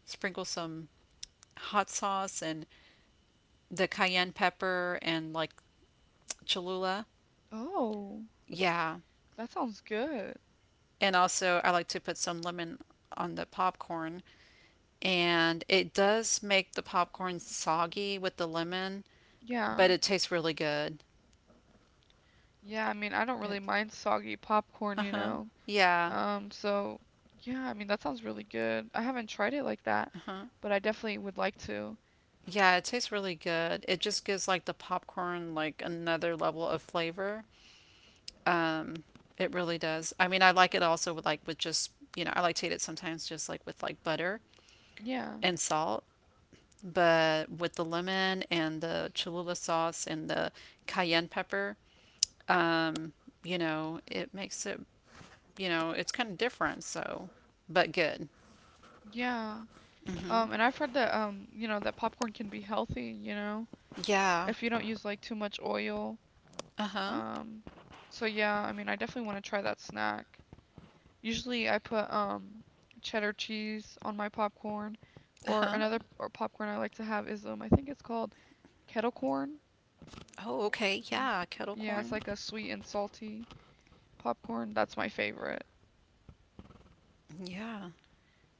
sprinkle some hot sauce and the cayenne pepper and like Cholula.
Oh,
Yeah.
that sounds good.
And also, I like to put some lemon on the popcorn. And it does make the popcorn soggy with the lemon,
Yeah.
but it tastes really good.
Yeah, I mean, I don't
It,
really mind soggy popcorn, you
uh-huh.
know.
Yeah.
Um, so yeah, I mean, that sounds really good. I haven't tried it like that,
Uh-huh.
but I definitely would like to.
Yeah, it tastes really good. It just gives like the popcorn like another level of flavor. Um, it really does. I mean, I like it also with like with just, you know, I like to eat it sometimes just like with like butter
Yeah.
and salt, but with the lemon and the Cholula sauce and the cayenne pepper, um, you know, it makes it you know, it's kind of different. So, but good.
Yeah.
Hmm.
Um, and I've heard that um, you know, that popcorn can be healthy, you know,
Yeah.
if you don't use like too much oil.
Uh huh.
Um, so yeah, I mean, I definitely want to try that snack. Usually I put um cheddar cheese on my popcorn
Uh
or
huh.
another or popcorn I like to have is um I think it's called kettle corn.
Oh, okay.
Mhm.
Yeah. Kettle
Yeah, it's
corn.
like a sweet and salty popcorn. That's my favorite.
Yeah.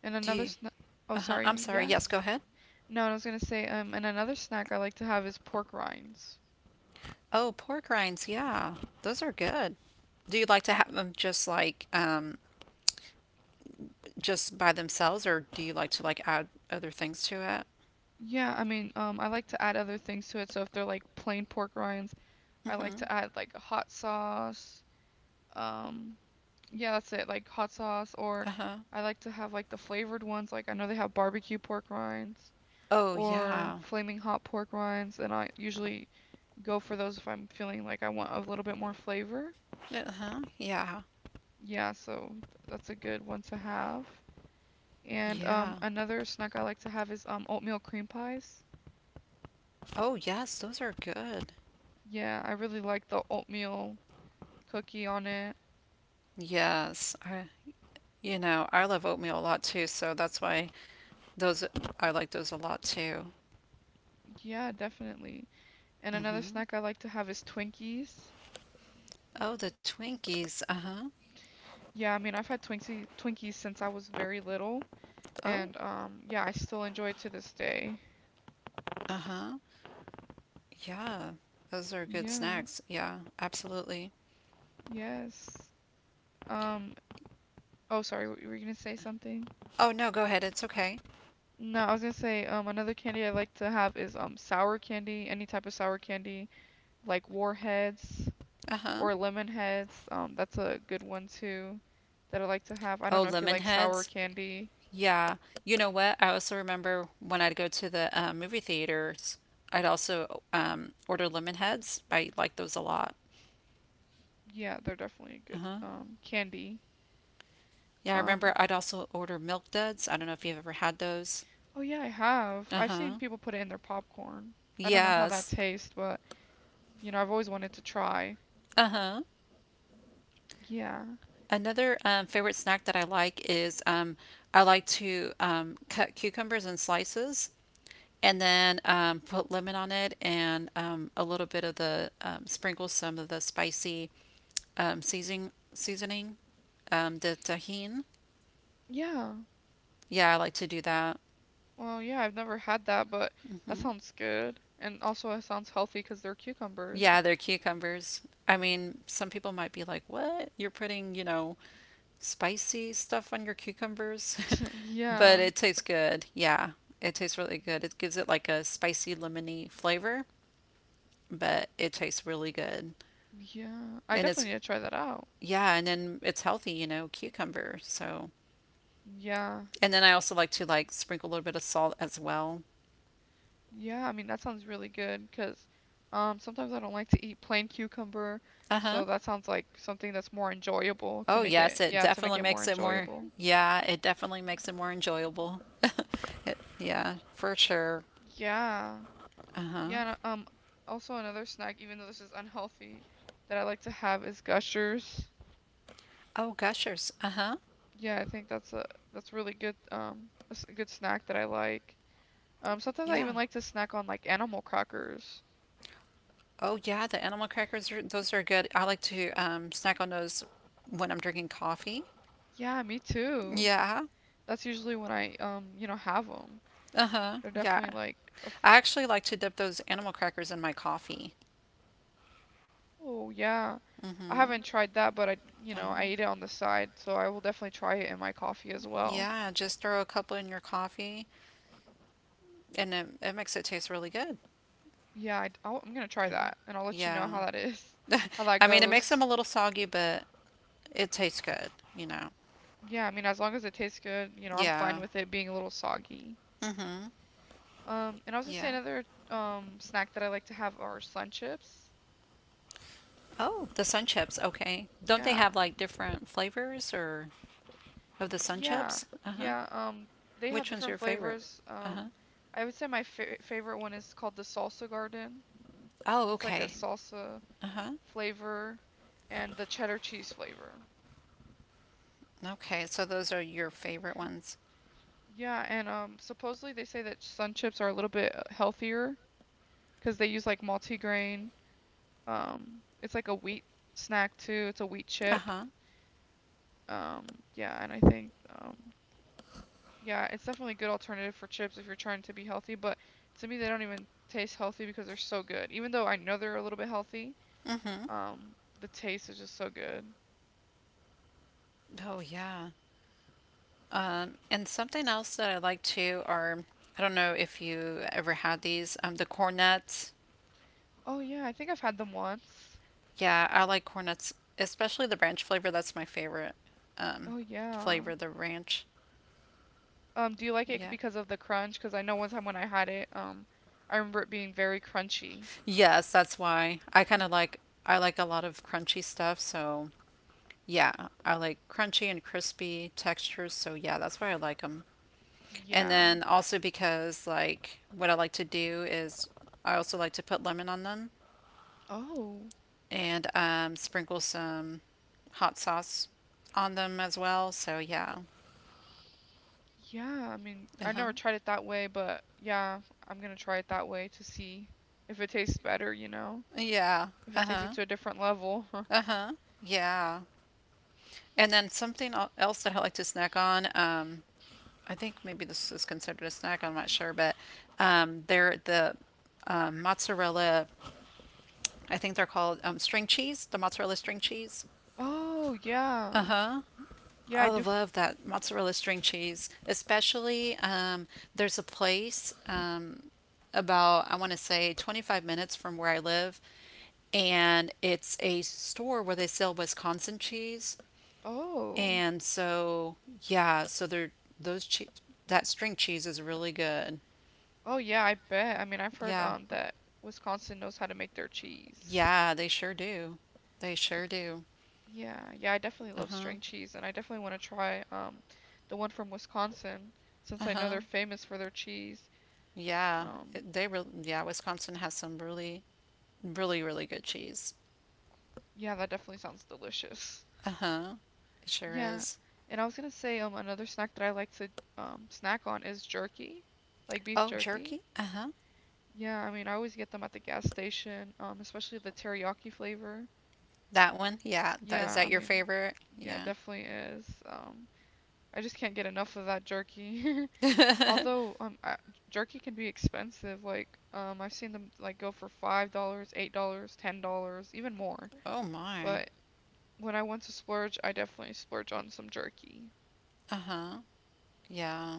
And
Do
another
you?
snack. Oh,
Uh huh. I'm
sorry.
sorry. Yes. Go
Yes.
ahead.
Hmm. No, I was gonna say, um, and another snack I like to have is pork rinds.
Oh, pork rinds. Yeah. Those are good. Do you like to have them just like um just by themselves, or do you like to like add other things to it?
Yeah, I mean, um, I like to add other things to it. So if they're like plain pork rinds, I like
Mm-hmm.
to add like a hot sauce, um, Yeah, that's it. Like hot sauce, or
Uh-huh.
I like to have like the flavored ones. Like I know they have barbecue pork rinds
Oh
or
yeah.
flaming hot pork rinds, and I usually go for those if I'm feeling like I want a little bit more flavor.
Uh-huh. Yeah.
Yeah, so th- that's a good one to have. And um,
Yeah.
another snack I like to have is um oatmeal cream pies.
Oh yes, those are good.
Yeah, I really like the oatmeal cookie on it.
Yes. I You know, I love oatmeal a lot too, so that's why those I like those a lot too.
Yeah, definitely. And another
Hmm.
snack I like to have is Twinkies.
Oh, the Twinkies. Uh-huh.
Yeah, I mean, I've had Twinkies Twinkies since I was very little.
Oh,
And um yeah, I still enjoy it to this day.
uh-huh. Yeah. Those are good
Yeah.
snacks. Yeah, absolutely.
Yes. Um oh, sorry, w- were you gonna say something?
Oh, no, go ahead. It's okay.
No, I was gonna say um another candy I like to have is um sour candy, any type of sour candy, like warheads
Uh-huh.
or lemon heads. Um that's a good one too that I like to have. I don't
Oh,
know if you
lemon
like sour
heads.
candy.
Yeah. You know what? I also remember when I'd go to the uh, movie theaters, I'd also um, order lemon heads. I like those a lot.
Yeah, they're definitely a good
Uh-huh.
um candy.
Yeah, I
Um
remember I'd also order milk duds. I don't know if you've ever had those.
Oh yeah, I have. I've seen
Uh-huh.
people put it in their popcorn. I don't know how that
Yes.
tastes, but you know, I've always wanted to try.
Uh-huh.
Yeah.
Another um, favorite snack that I like is um, I like to um, cut cucumbers in slices and then um, put lemon on it and um, a little bit of the um, sprinkle some of the spicy um, seasoning seasoning um, the tahine.
Yeah.
Yeah, I like to do that.
Well, yeah, I've never had that, but that
Hmm.
sounds good. And also it sounds healthy because they're cucumbers.
Yeah, they're cucumbers. I mean, some people might be like, "What? You're putting, you know, spicy stuff on your cucumbers," but
Yeah.
it tastes good. Yeah, it tastes really good. It gives it like a spicy lemony flavor, but it tastes really good.
Yeah. I
And it's
definitely need to try that out.
yeah, and then it's healthy, you know, cucumber. So,
Yeah.
and then I also like to like sprinkle a little bit of salt as well.
Yeah, I mean that sounds really good because um sometimes I don't like to eat plain cucumber,
Uh-huh.
so that sounds like something that's more enjoyable to
Oh,
make
yes,
it
it
yeah, to make
definitely
it more
makes it more
enjoyable.
yeah, it definitely makes it more enjoyable. It, yeah, for sure.
Yeah.
Uh-huh.
Yeah, and, um also another snack even though this is unhealthy that I like to have is Gushers.
Oh, gushers. Uh-huh.
Yeah, I think that's a that's really good, um that's a good snack that I like. Um, sometimes I
Yeah.
even like to snack on like animal crackers.
Oh yeah, the animal crackers are, those are good. I like to um, snack on those when I'm drinking coffee.
Yeah, me too.
Yeah.
That's usually when I um you know have them.
Uh-huh.
They're
Yeah.
definitely like a f.
I actually like to dip those animal crackers in my coffee.
Oh yeah. I
Mm-hmm.
haven't tried that, but I you know I
Uh-huh.
eat it on the side, so I will definitely try it in my coffee as well.
Yeah, just throw a couple in your coffee and it, it makes it taste really good.
Yeah, I'm gonna try that, and I'll let you know
Yeah.
how that is, how that
I mean, it makes them
goes.
a little soggy, but it tastes good, you know.
Yeah, I mean as long as it tastes good, you know I'm fine
Yeah.
with it being a little soggy.
Mm-hmm.
Um, and I was gonna say
Yeah.
another um snack that I like to have are sun chips.
Oh, the sun chips. Okay. Don't they
Yeah.
have like different flavors or of the sun
Yeah.
chips? Uh huh.
Yeah. Um, they have
Which one's your
different
favorite?
flavors.
Uh huh.
Um, I would say my fa favorite one is called the Salsa Garden.
Oh,
It's like a
okay.
salsa
Uh huh.
flavor and the cheddar cheese flavor.
Okay, so those are your favorite ones.
Yeah, and um, supposedly they say that sun chips are a little bit uh, healthier because they use like multigrain. Um, it's like a wheat snack too. It's a wheat
Uh
chip.
huh.
Um, yeah, and I think um, Yeah, it's definitely a good alternative for chips if you're trying to be healthy, but to me they don't even taste healthy because they're so good. Even though I know they're a little bit healthy,
Mm hmm.
um, the taste is just so good.
Oh, yeah. Um, and something else that I like too are I don't know if you ever had these, um, the cornets.
Oh yeah, I think I've had them once.
Yeah, I like cornets, especially the ranch flavor. That's my favorite um,
Oh yeah.
flavor, the ranch.
Um, do you like it
Yeah.
because of the crunch? Because I know one time when I had it, um, I remember it being very crunchy.
Yes, that's why I kind of like I like a lot of crunchy stuff, so yeah, I like crunchy and crispy textures, so yeah, that's why I like them. And
Yeah.
then also because like what I like to do is I also like to put lemon on them
Oh,
and um, sprinkle some hot sauce on them as well. So yeah.
yeah. I mean, I
Uh-huh.
never tried it that way, but yeah, I'm gonna try it that way to see if it tastes better, you know?
Yeah.
If it takes it
Uh-huh.
to a different level.
Uh-huh. Yeah. And then something el- else that I like to snack on, um, I think maybe this is considered a snack, I'm not sure, but um, they're the um, mozzarella I think they're called um, string cheese, the mozzarella string cheese.
Oh
Uh
yeah.
huh.
Yeah,
I
I do. F
love that mozzarella string cheese, especially um, there's a place um, about, I want to say, twenty-five minutes from where I live, and it's a store where they sell Wisconsin cheese.
Oh.
And so, yeah, so they're those cheese, that string cheese is really good.
Oh yeah, I bet. I mean, I've heard
Yeah,
um that Wisconsin knows how to make their cheese.
yeah, they sure do. They sure do.
Yeah, yeah, I definitely
Uh
love
huh.
string cheese and I definitely want to try um the one from Wisconsin
Uh
since I know
huh.
they're famous for their cheese.
Yeah,
Um
it- they really, yeah, Wisconsin has some really, really, really good cheese.
yeah, that definitely sounds delicious.
Uh-huh. It sure
Yeah.
is.
And I was gonna say um another snack that I like to um snack on is jerky, like beef
Oh,
jerky.
jerky? Uh-huh.
Yeah, I mean, I always get them at the gas station, um especially the teriyaki flavor.
That one? Yeah. That, is
Yeah,
that
I
your
mean,
favorite?
yeah, it
Yeah.
definitely is. Um, I just can't get enough of that jerky. Although, um, I, jerky can be expensive. Like, um, I've seen them like go for five dollars, eight dollars, ten dollars, even more.
Oh my.
But when I want to splurge, I definitely splurge on some jerky.
Uh-huh. Yeah.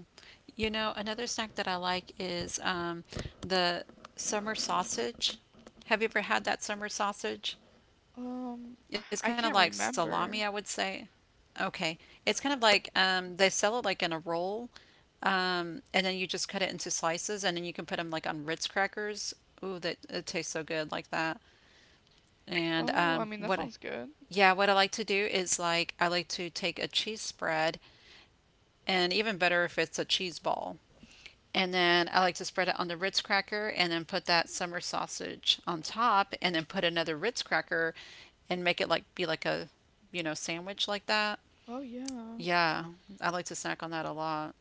You know, another snack that I like is um, the summer sausage. Have you ever had that summer sausage?
Um, I
It's kind of
I
like
can't
salami, I would
remember.
say. Okay. It's kind of like um, they sell it like in a roll, Um, and then you just cut it into slices, and then you can put them like on Ritz crackers. Ooh, that it tastes so good like that. And
Oh, I
um,
mean, that
what?
sounds good.
Yeah, what I like to do is like I like to take a cheese spread, and even better if it's a cheese ball. And then I like to spread it on the Ritz cracker, and then put that summer sausage on top, and then put another Ritz cracker, and make it like be like a, you know, sandwich like that.
Oh yeah.
Yeah, I like to snack on that a lot.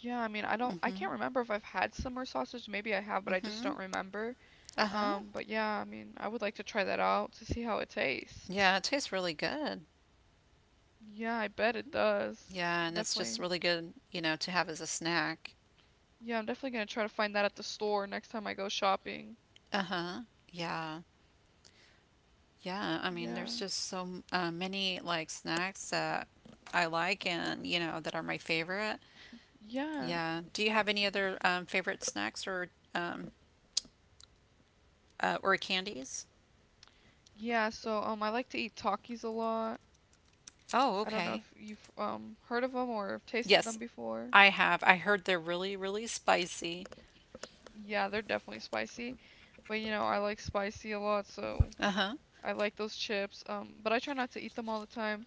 Yeah, I mean, I don't, I can't
Hmm.
remember if I've had summer sausage. Maybe I have, but I just don't
Hmm.
remember.
Uh huh.
Um, but yeah, I mean, I would like to try that out to see how it tastes.
Yeah, it tastes really good.
Yeah, I bet it does.
Yeah, and it's just
Definitely.
really good, you know, to have as a snack.
Yeah, I'm definitely gonna try to find that at the store next time I go shopping.
Uh-huh. Yeah. Yeah, I mean, there's
Yeah.
just so m- uh, many like snacks that I like and, you know, that are my favorite.
Yeah.
Yeah. Do you have any other um, favorite snacks or um uh, or candies?
Yeah, so um I like to eat Takis a lot.
Oh,
I don't know
okay.
if you've um heard of them or have tasted them
Yes,
before.
I have. I heard they're really, really spicy.
Yeah, they're definitely spicy, but you know, I like spicy a lot, so
Uh-huh.
I like those chips. Um, but I try not to eat them all the time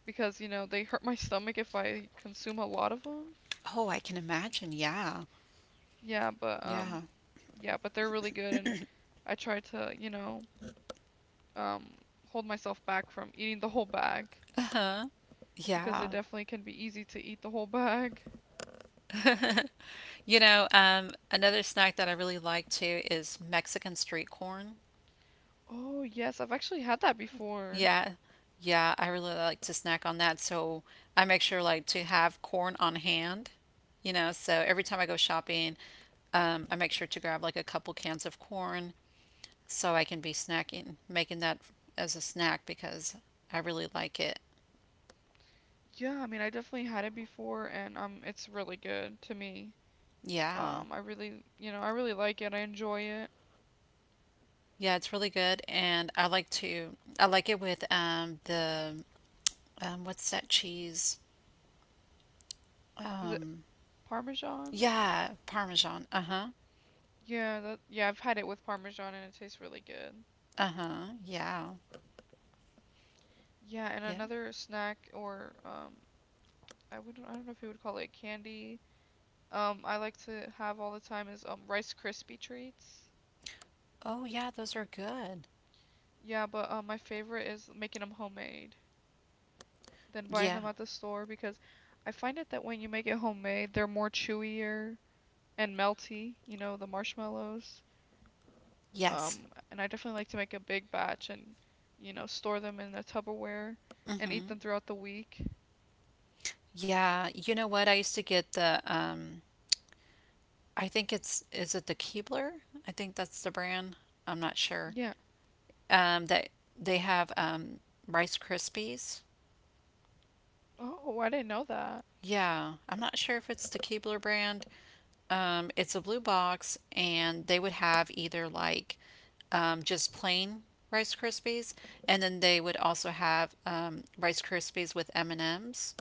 because, you know, they hurt my stomach if I consume a lot of them.
Oh, I can imagine. Yeah.
Yeah, but um
Yeah.
yeah, but they're really good and I try to, you know, um hold myself back from eating the whole bag
Uh-huh.
because it
Yeah.
definitely can be easy to eat the whole bag.
You know, um, another snack that I really like too is Mexican street corn.
Oh, yes, I've actually had that before.
Yeah, yeah, I really like to snack on that. So I make sure like to have corn on hand, you know, so every time I go shopping, um, I make sure to grab like a couple cans of corn so I can be snacking, making that as a snack because I really like it.
Yeah, I mean, I definitely had it before and um it's really good to me.
Yeah.
Um I really, you know, I really like it. I enjoy it.
Yeah, it's really good and I like to I like it with um the um what's that cheese?
Is it
Um,
Parmesan?
Yeah, Parmesan. Uh-huh.
Yeah, that yeah, I've had it with Parmesan and it tastes really good.
Uh-huh. Yeah.
Yeah, and
Yeah.
another snack or um I wouldn't I don't know if you would call it candy. Um, I like to have all the time is um Rice Krispie treats.
Oh, yeah, those are good.
Yeah, but um, my favorite is making them homemade than buying
Yeah.
them at the store because I find it that when you make it homemade, they're more chewier and melty, you know, the marshmallows.
Yes.
Um, and I definitely like to make a big batch and, you know, store them in a Tupperware and eat
Mm-hmm.
them throughout the week.
Yeah. You know what? I used to get the um I think it's is it the Keebler? I think that's the brand. I'm not sure.
Yeah.
Um that they have um Rice Krispies.
Oh, I didn't know that.
Yeah. I'm not sure if it's the Keebler brand. Um, it's a blue box, and they would have either like um, just plain Rice Krispies, and then they would also have um, Rice Krispies with M and M's.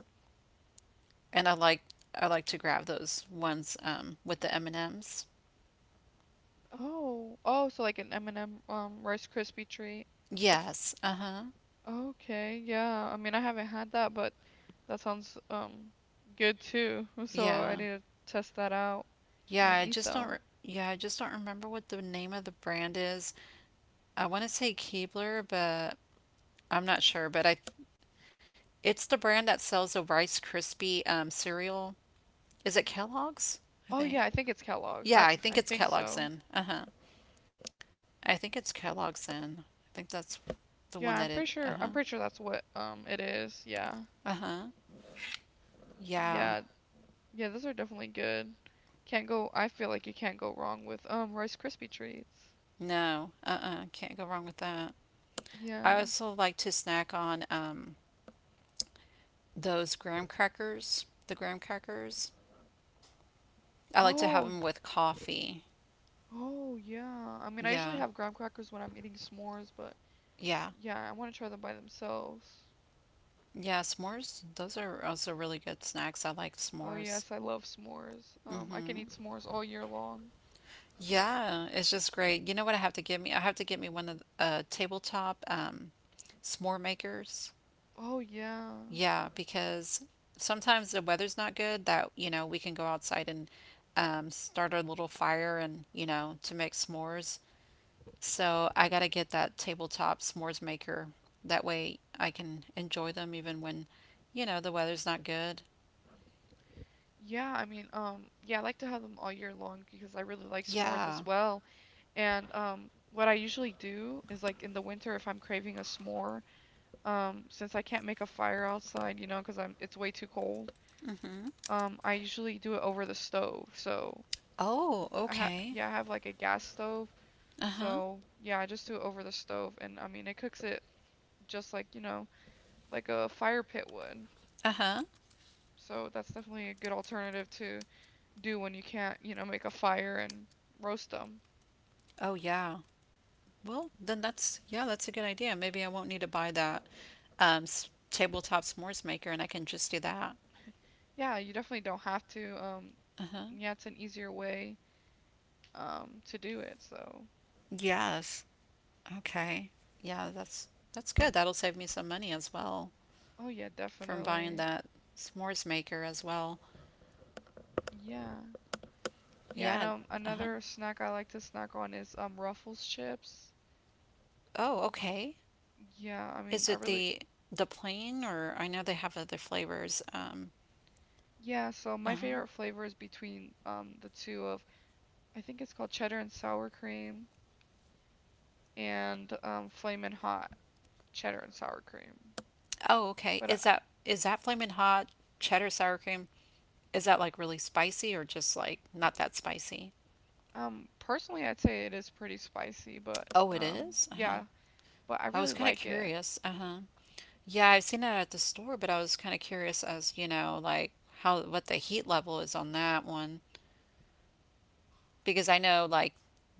And I like I like to grab those ones um, with the M and M's.
Oh, oh, so like an M and M um Rice Krispie treat.
Yes. Uh huh.
Okay, yeah. I mean, I haven't had that, but that sounds um good too. So I
Yeah.
need to test that out
Yeah.
and
I
eat
just don't.
them.
Re- yeah, I just don't remember what the name of the brand is. I want to say Keebler, but I'm not sure. But I, it's the brand that sells a Rice Krispie um, cereal. Is it Kellogg's? I
Oh
think.
yeah, I think it's Kellogg's.
Yeah,
I
I think
I
it's
think
Kellogg's
so.
Inn. Uh huh. I think it's Kellogg's Inn. I think that's the one
Yeah, I'm
that
pretty
it. Uh
sure I'm
huh.
pretty sure that's what um it is. Yeah.
Uh huh. Yeah.
Yeah. Yeah, those are definitely good. Can't go I feel like you can't go wrong with um Rice Krispie treats.
No. Uh uh can not go wrong with that.
Yeah.
I also like to snack on um, those graham crackers. The graham crackers. I like to have
Oh,
them with coffee.
oh yeah. I mean, I usually
Yeah.
have graham crackers when I'm eating s'mores, but
Yeah.
yeah, I want to try them by themselves.
Yeah. S'mores. Those are also really good snacks. I like
Oh
s'mores.
yes, I love s'mores. Um, I can
Mm-hmm.
eat s'mores all year long.
Yeah, it's just great. You know what I have to get me? I have to get me one of th- a tabletop um s'more makers.
Oh yeah.
Yeah, because sometimes the weather's not good that, you know, we can go outside and um, start a little fire and, you know, to make s'mores. So I gotta get that tabletop s'mores maker. That way I can enjoy them even when, you know, the weather's not good.
Yeah, I mean, um, yeah, I like to have them all year long because I really like s'mores as
Yeah.
well. And um, what I usually do is like in the winter if I'm craving a s'more, um, since I can't make a fire outside, you know, 'cause I'm it's way too cold.
Mm-hmm.
Um, I usually do it over the stove. So
Oh,
I ha
okay.
yeah, I have like a gas stove.
Uh-huh.
So yeah, I just do it over the stove, and I mean it cooks it just like you know like a fire pit would.
Uh-huh.
So that's definitely a good alternative to do when you can't, you know, make a fire and roast them.
Oh, yeah. Well, then that's, yeah, that's a good idea. Maybe I won't need to buy that um, s tabletop s'mores maker and I can just do that.
Yeah, you definitely don't have to. Um,
Uh-huh.
yeah, it's an easier way um to do it. So,
Yes. Okay. Yeah, that's that's good. That'll save me some money as well
oh yeah,
from buying
definitely.
that s'mores maker as well.
Yeah. Yeah, and
Yeah.
um
Uh-huh.
another snack I like to snack on is um Ruffles chips.
Oh, okay.
Yeah, I mean,
Is
I
it
really
the the plain or I know they have other flavors. Um,
yeah, so my
uh-huh.
favorite flavor is between um the two of I think it's called cheddar and sour cream and um flamin' hot cheddar and sour cream.
Oh, okay.
But I,
Is that is that flaming hot cheddar sour cream? Is that like really spicy or just like not that spicy?
Um, personally, I'd say it is pretty spicy, but
Oh, it
um,
is? Uh-huh.
yeah, but I
I was
really
kind of
like it.
curious. Uh-huh. Yeah, I've seen that at the store, but I was kind of curious as, you know, like how what the heat level is on that one because I know like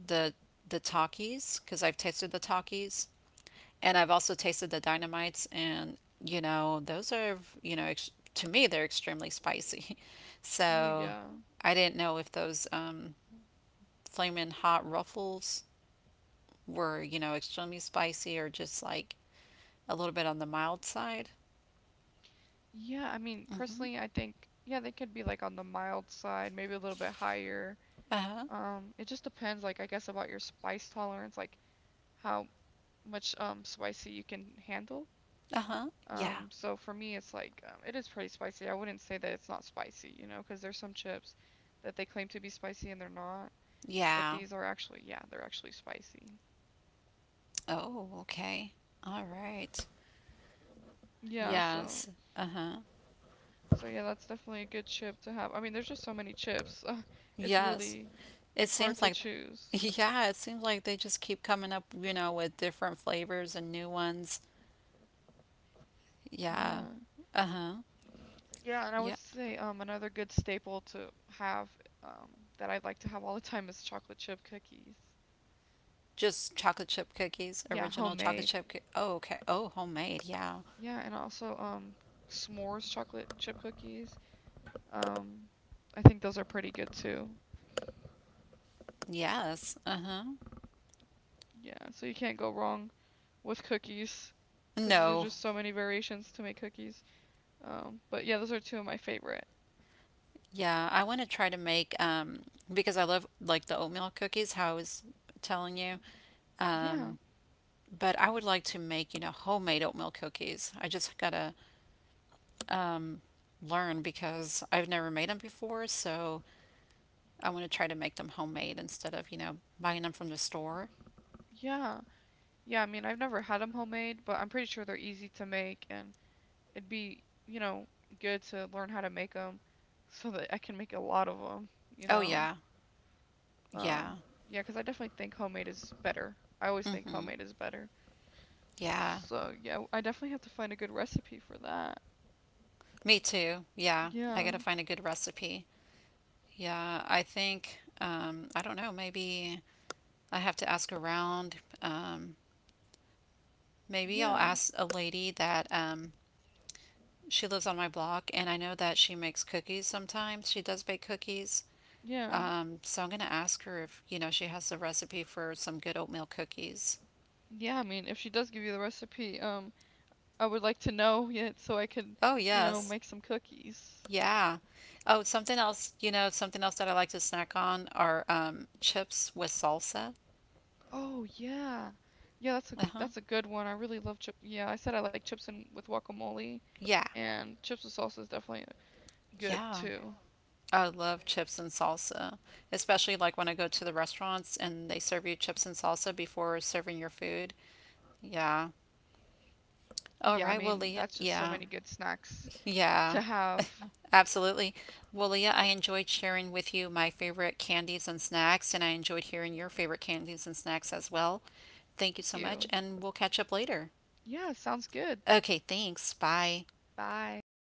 the the Takis because I've tasted the Takis and I've also tasted the Dynamites and you know, those are, you know, ex to me they're extremely spicy.
Oh
So,
yeah.
I didn't know if those um flaming hot ruffles were, you know, extremely spicy or just like a little bit on the mild side.
Yeah, I mean,
Mm-hmm.
personally, I think yeah, they could be like on the mild side, maybe a little bit higher.
Uh-huh.
Um, it just depends, like I guess about your spice tolerance, like how much um spicy you can handle.
Uh-huh. Yeah.
Um, so for me, it's like um, it is pretty spicy. I wouldn't say that it's not spicy, you know, because there's some chips that they claim to be spicy and they're not, but
Yeah.
these are actually yeah, they're actually spicy.
Oh, okay. All right.
Yeah, so
Yes. Uh-huh.
So yeah, that's definitely a good chip to have. I mean, there's just so many chips. it's
Yes.
really
It seems
hard to
like
choose.
yeah, it seems like they just keep coming up, you know, with different flavors and new ones. Yeah.
Yeah.
Uh-huh.
Yeah, and I would
Yeah.
say um another good staple to have um that I'd like to have all the time is chocolate chip cookies.
Just chocolate chip cookies,
Yeah,
original chocolate
homemade.
chip coo- Oh, okay. Oh, homemade. Yeah.
Yeah, and also um s'mores chocolate chip cookies. Um I think those are pretty good too.
Yes. Uh-huh.
Yeah, so you can't go wrong with cookies because there's
No.
just No. so many variations to make cookies. Um but yeah, those are two of my favorite.
Yeah, I want to try to make um because I love like the oatmeal cookies how I was telling you.
Yeah.
um. But I would like to make, you know, homemade oatmeal cookies. I just gotta um, learn because I've never made them before, so I want to try to make them homemade instead of, you know, buying them from the store.
Yeah. Yeah, I mean, I've never had them homemade, but I'm pretty sure they're easy to make and it'd be, you know, good to learn how to make them so that I can make a lot of them, you
Oh,
know.
yeah,
Yeah, yeah.
yeah,
Um, yeah, 'cause I definitely think homemade is better. I always think Mm-hmm.
mm-hmm,
Homemade is better. Yeah,
yeah,
so, yeah, I definitely have to find a good recipe for that.
me too, yeah. I
Yeah.
gotta find a good recipe. Yeah, I think, um, I don't know, maybe I have to ask around. Um, maybe I'll
Yeah. No,
ask a lady that um, She lives on my block, and I know that she makes cookies sometimes. She does bake cookies.
yeah. Yeah.
Um, so I'm going to ask her if, you know, she has the recipe for some good oatmeal cookies.
Yeah, I mean, if she does give you the recipe, um, I would like to know it so I could,
Oh,
you know, yeah,
yes.
make some cookies.
Yeah. Oh, something else, you know, something else that I like to snack on are um, chips with salsa.
Oh yeah. Yeah, that's a
Uh-huh.
that's a good one. I really love chip. Yeah, I said I like chips and with guacamole
Yeah.
and chips with salsa is definitely good
Yeah.
too.
I love chips and salsa, especially like when I go to the restaurants and they serve you chips and salsa before serving your food. Yeah. All
Yeah, I
right, well,
mean,
Leah.
that's just so
Yeah.
many good snacks
Yeah,
to have.
absolutely. Well, Leah, I enjoyed sharing with you my favorite candies and snacks, and I enjoyed hearing your favorite candies and snacks as well. Thank you
Thank
so much,
you.
and we'll catch up later.
Yeah, sounds good.
Okay, thanks. Bye.
Bye.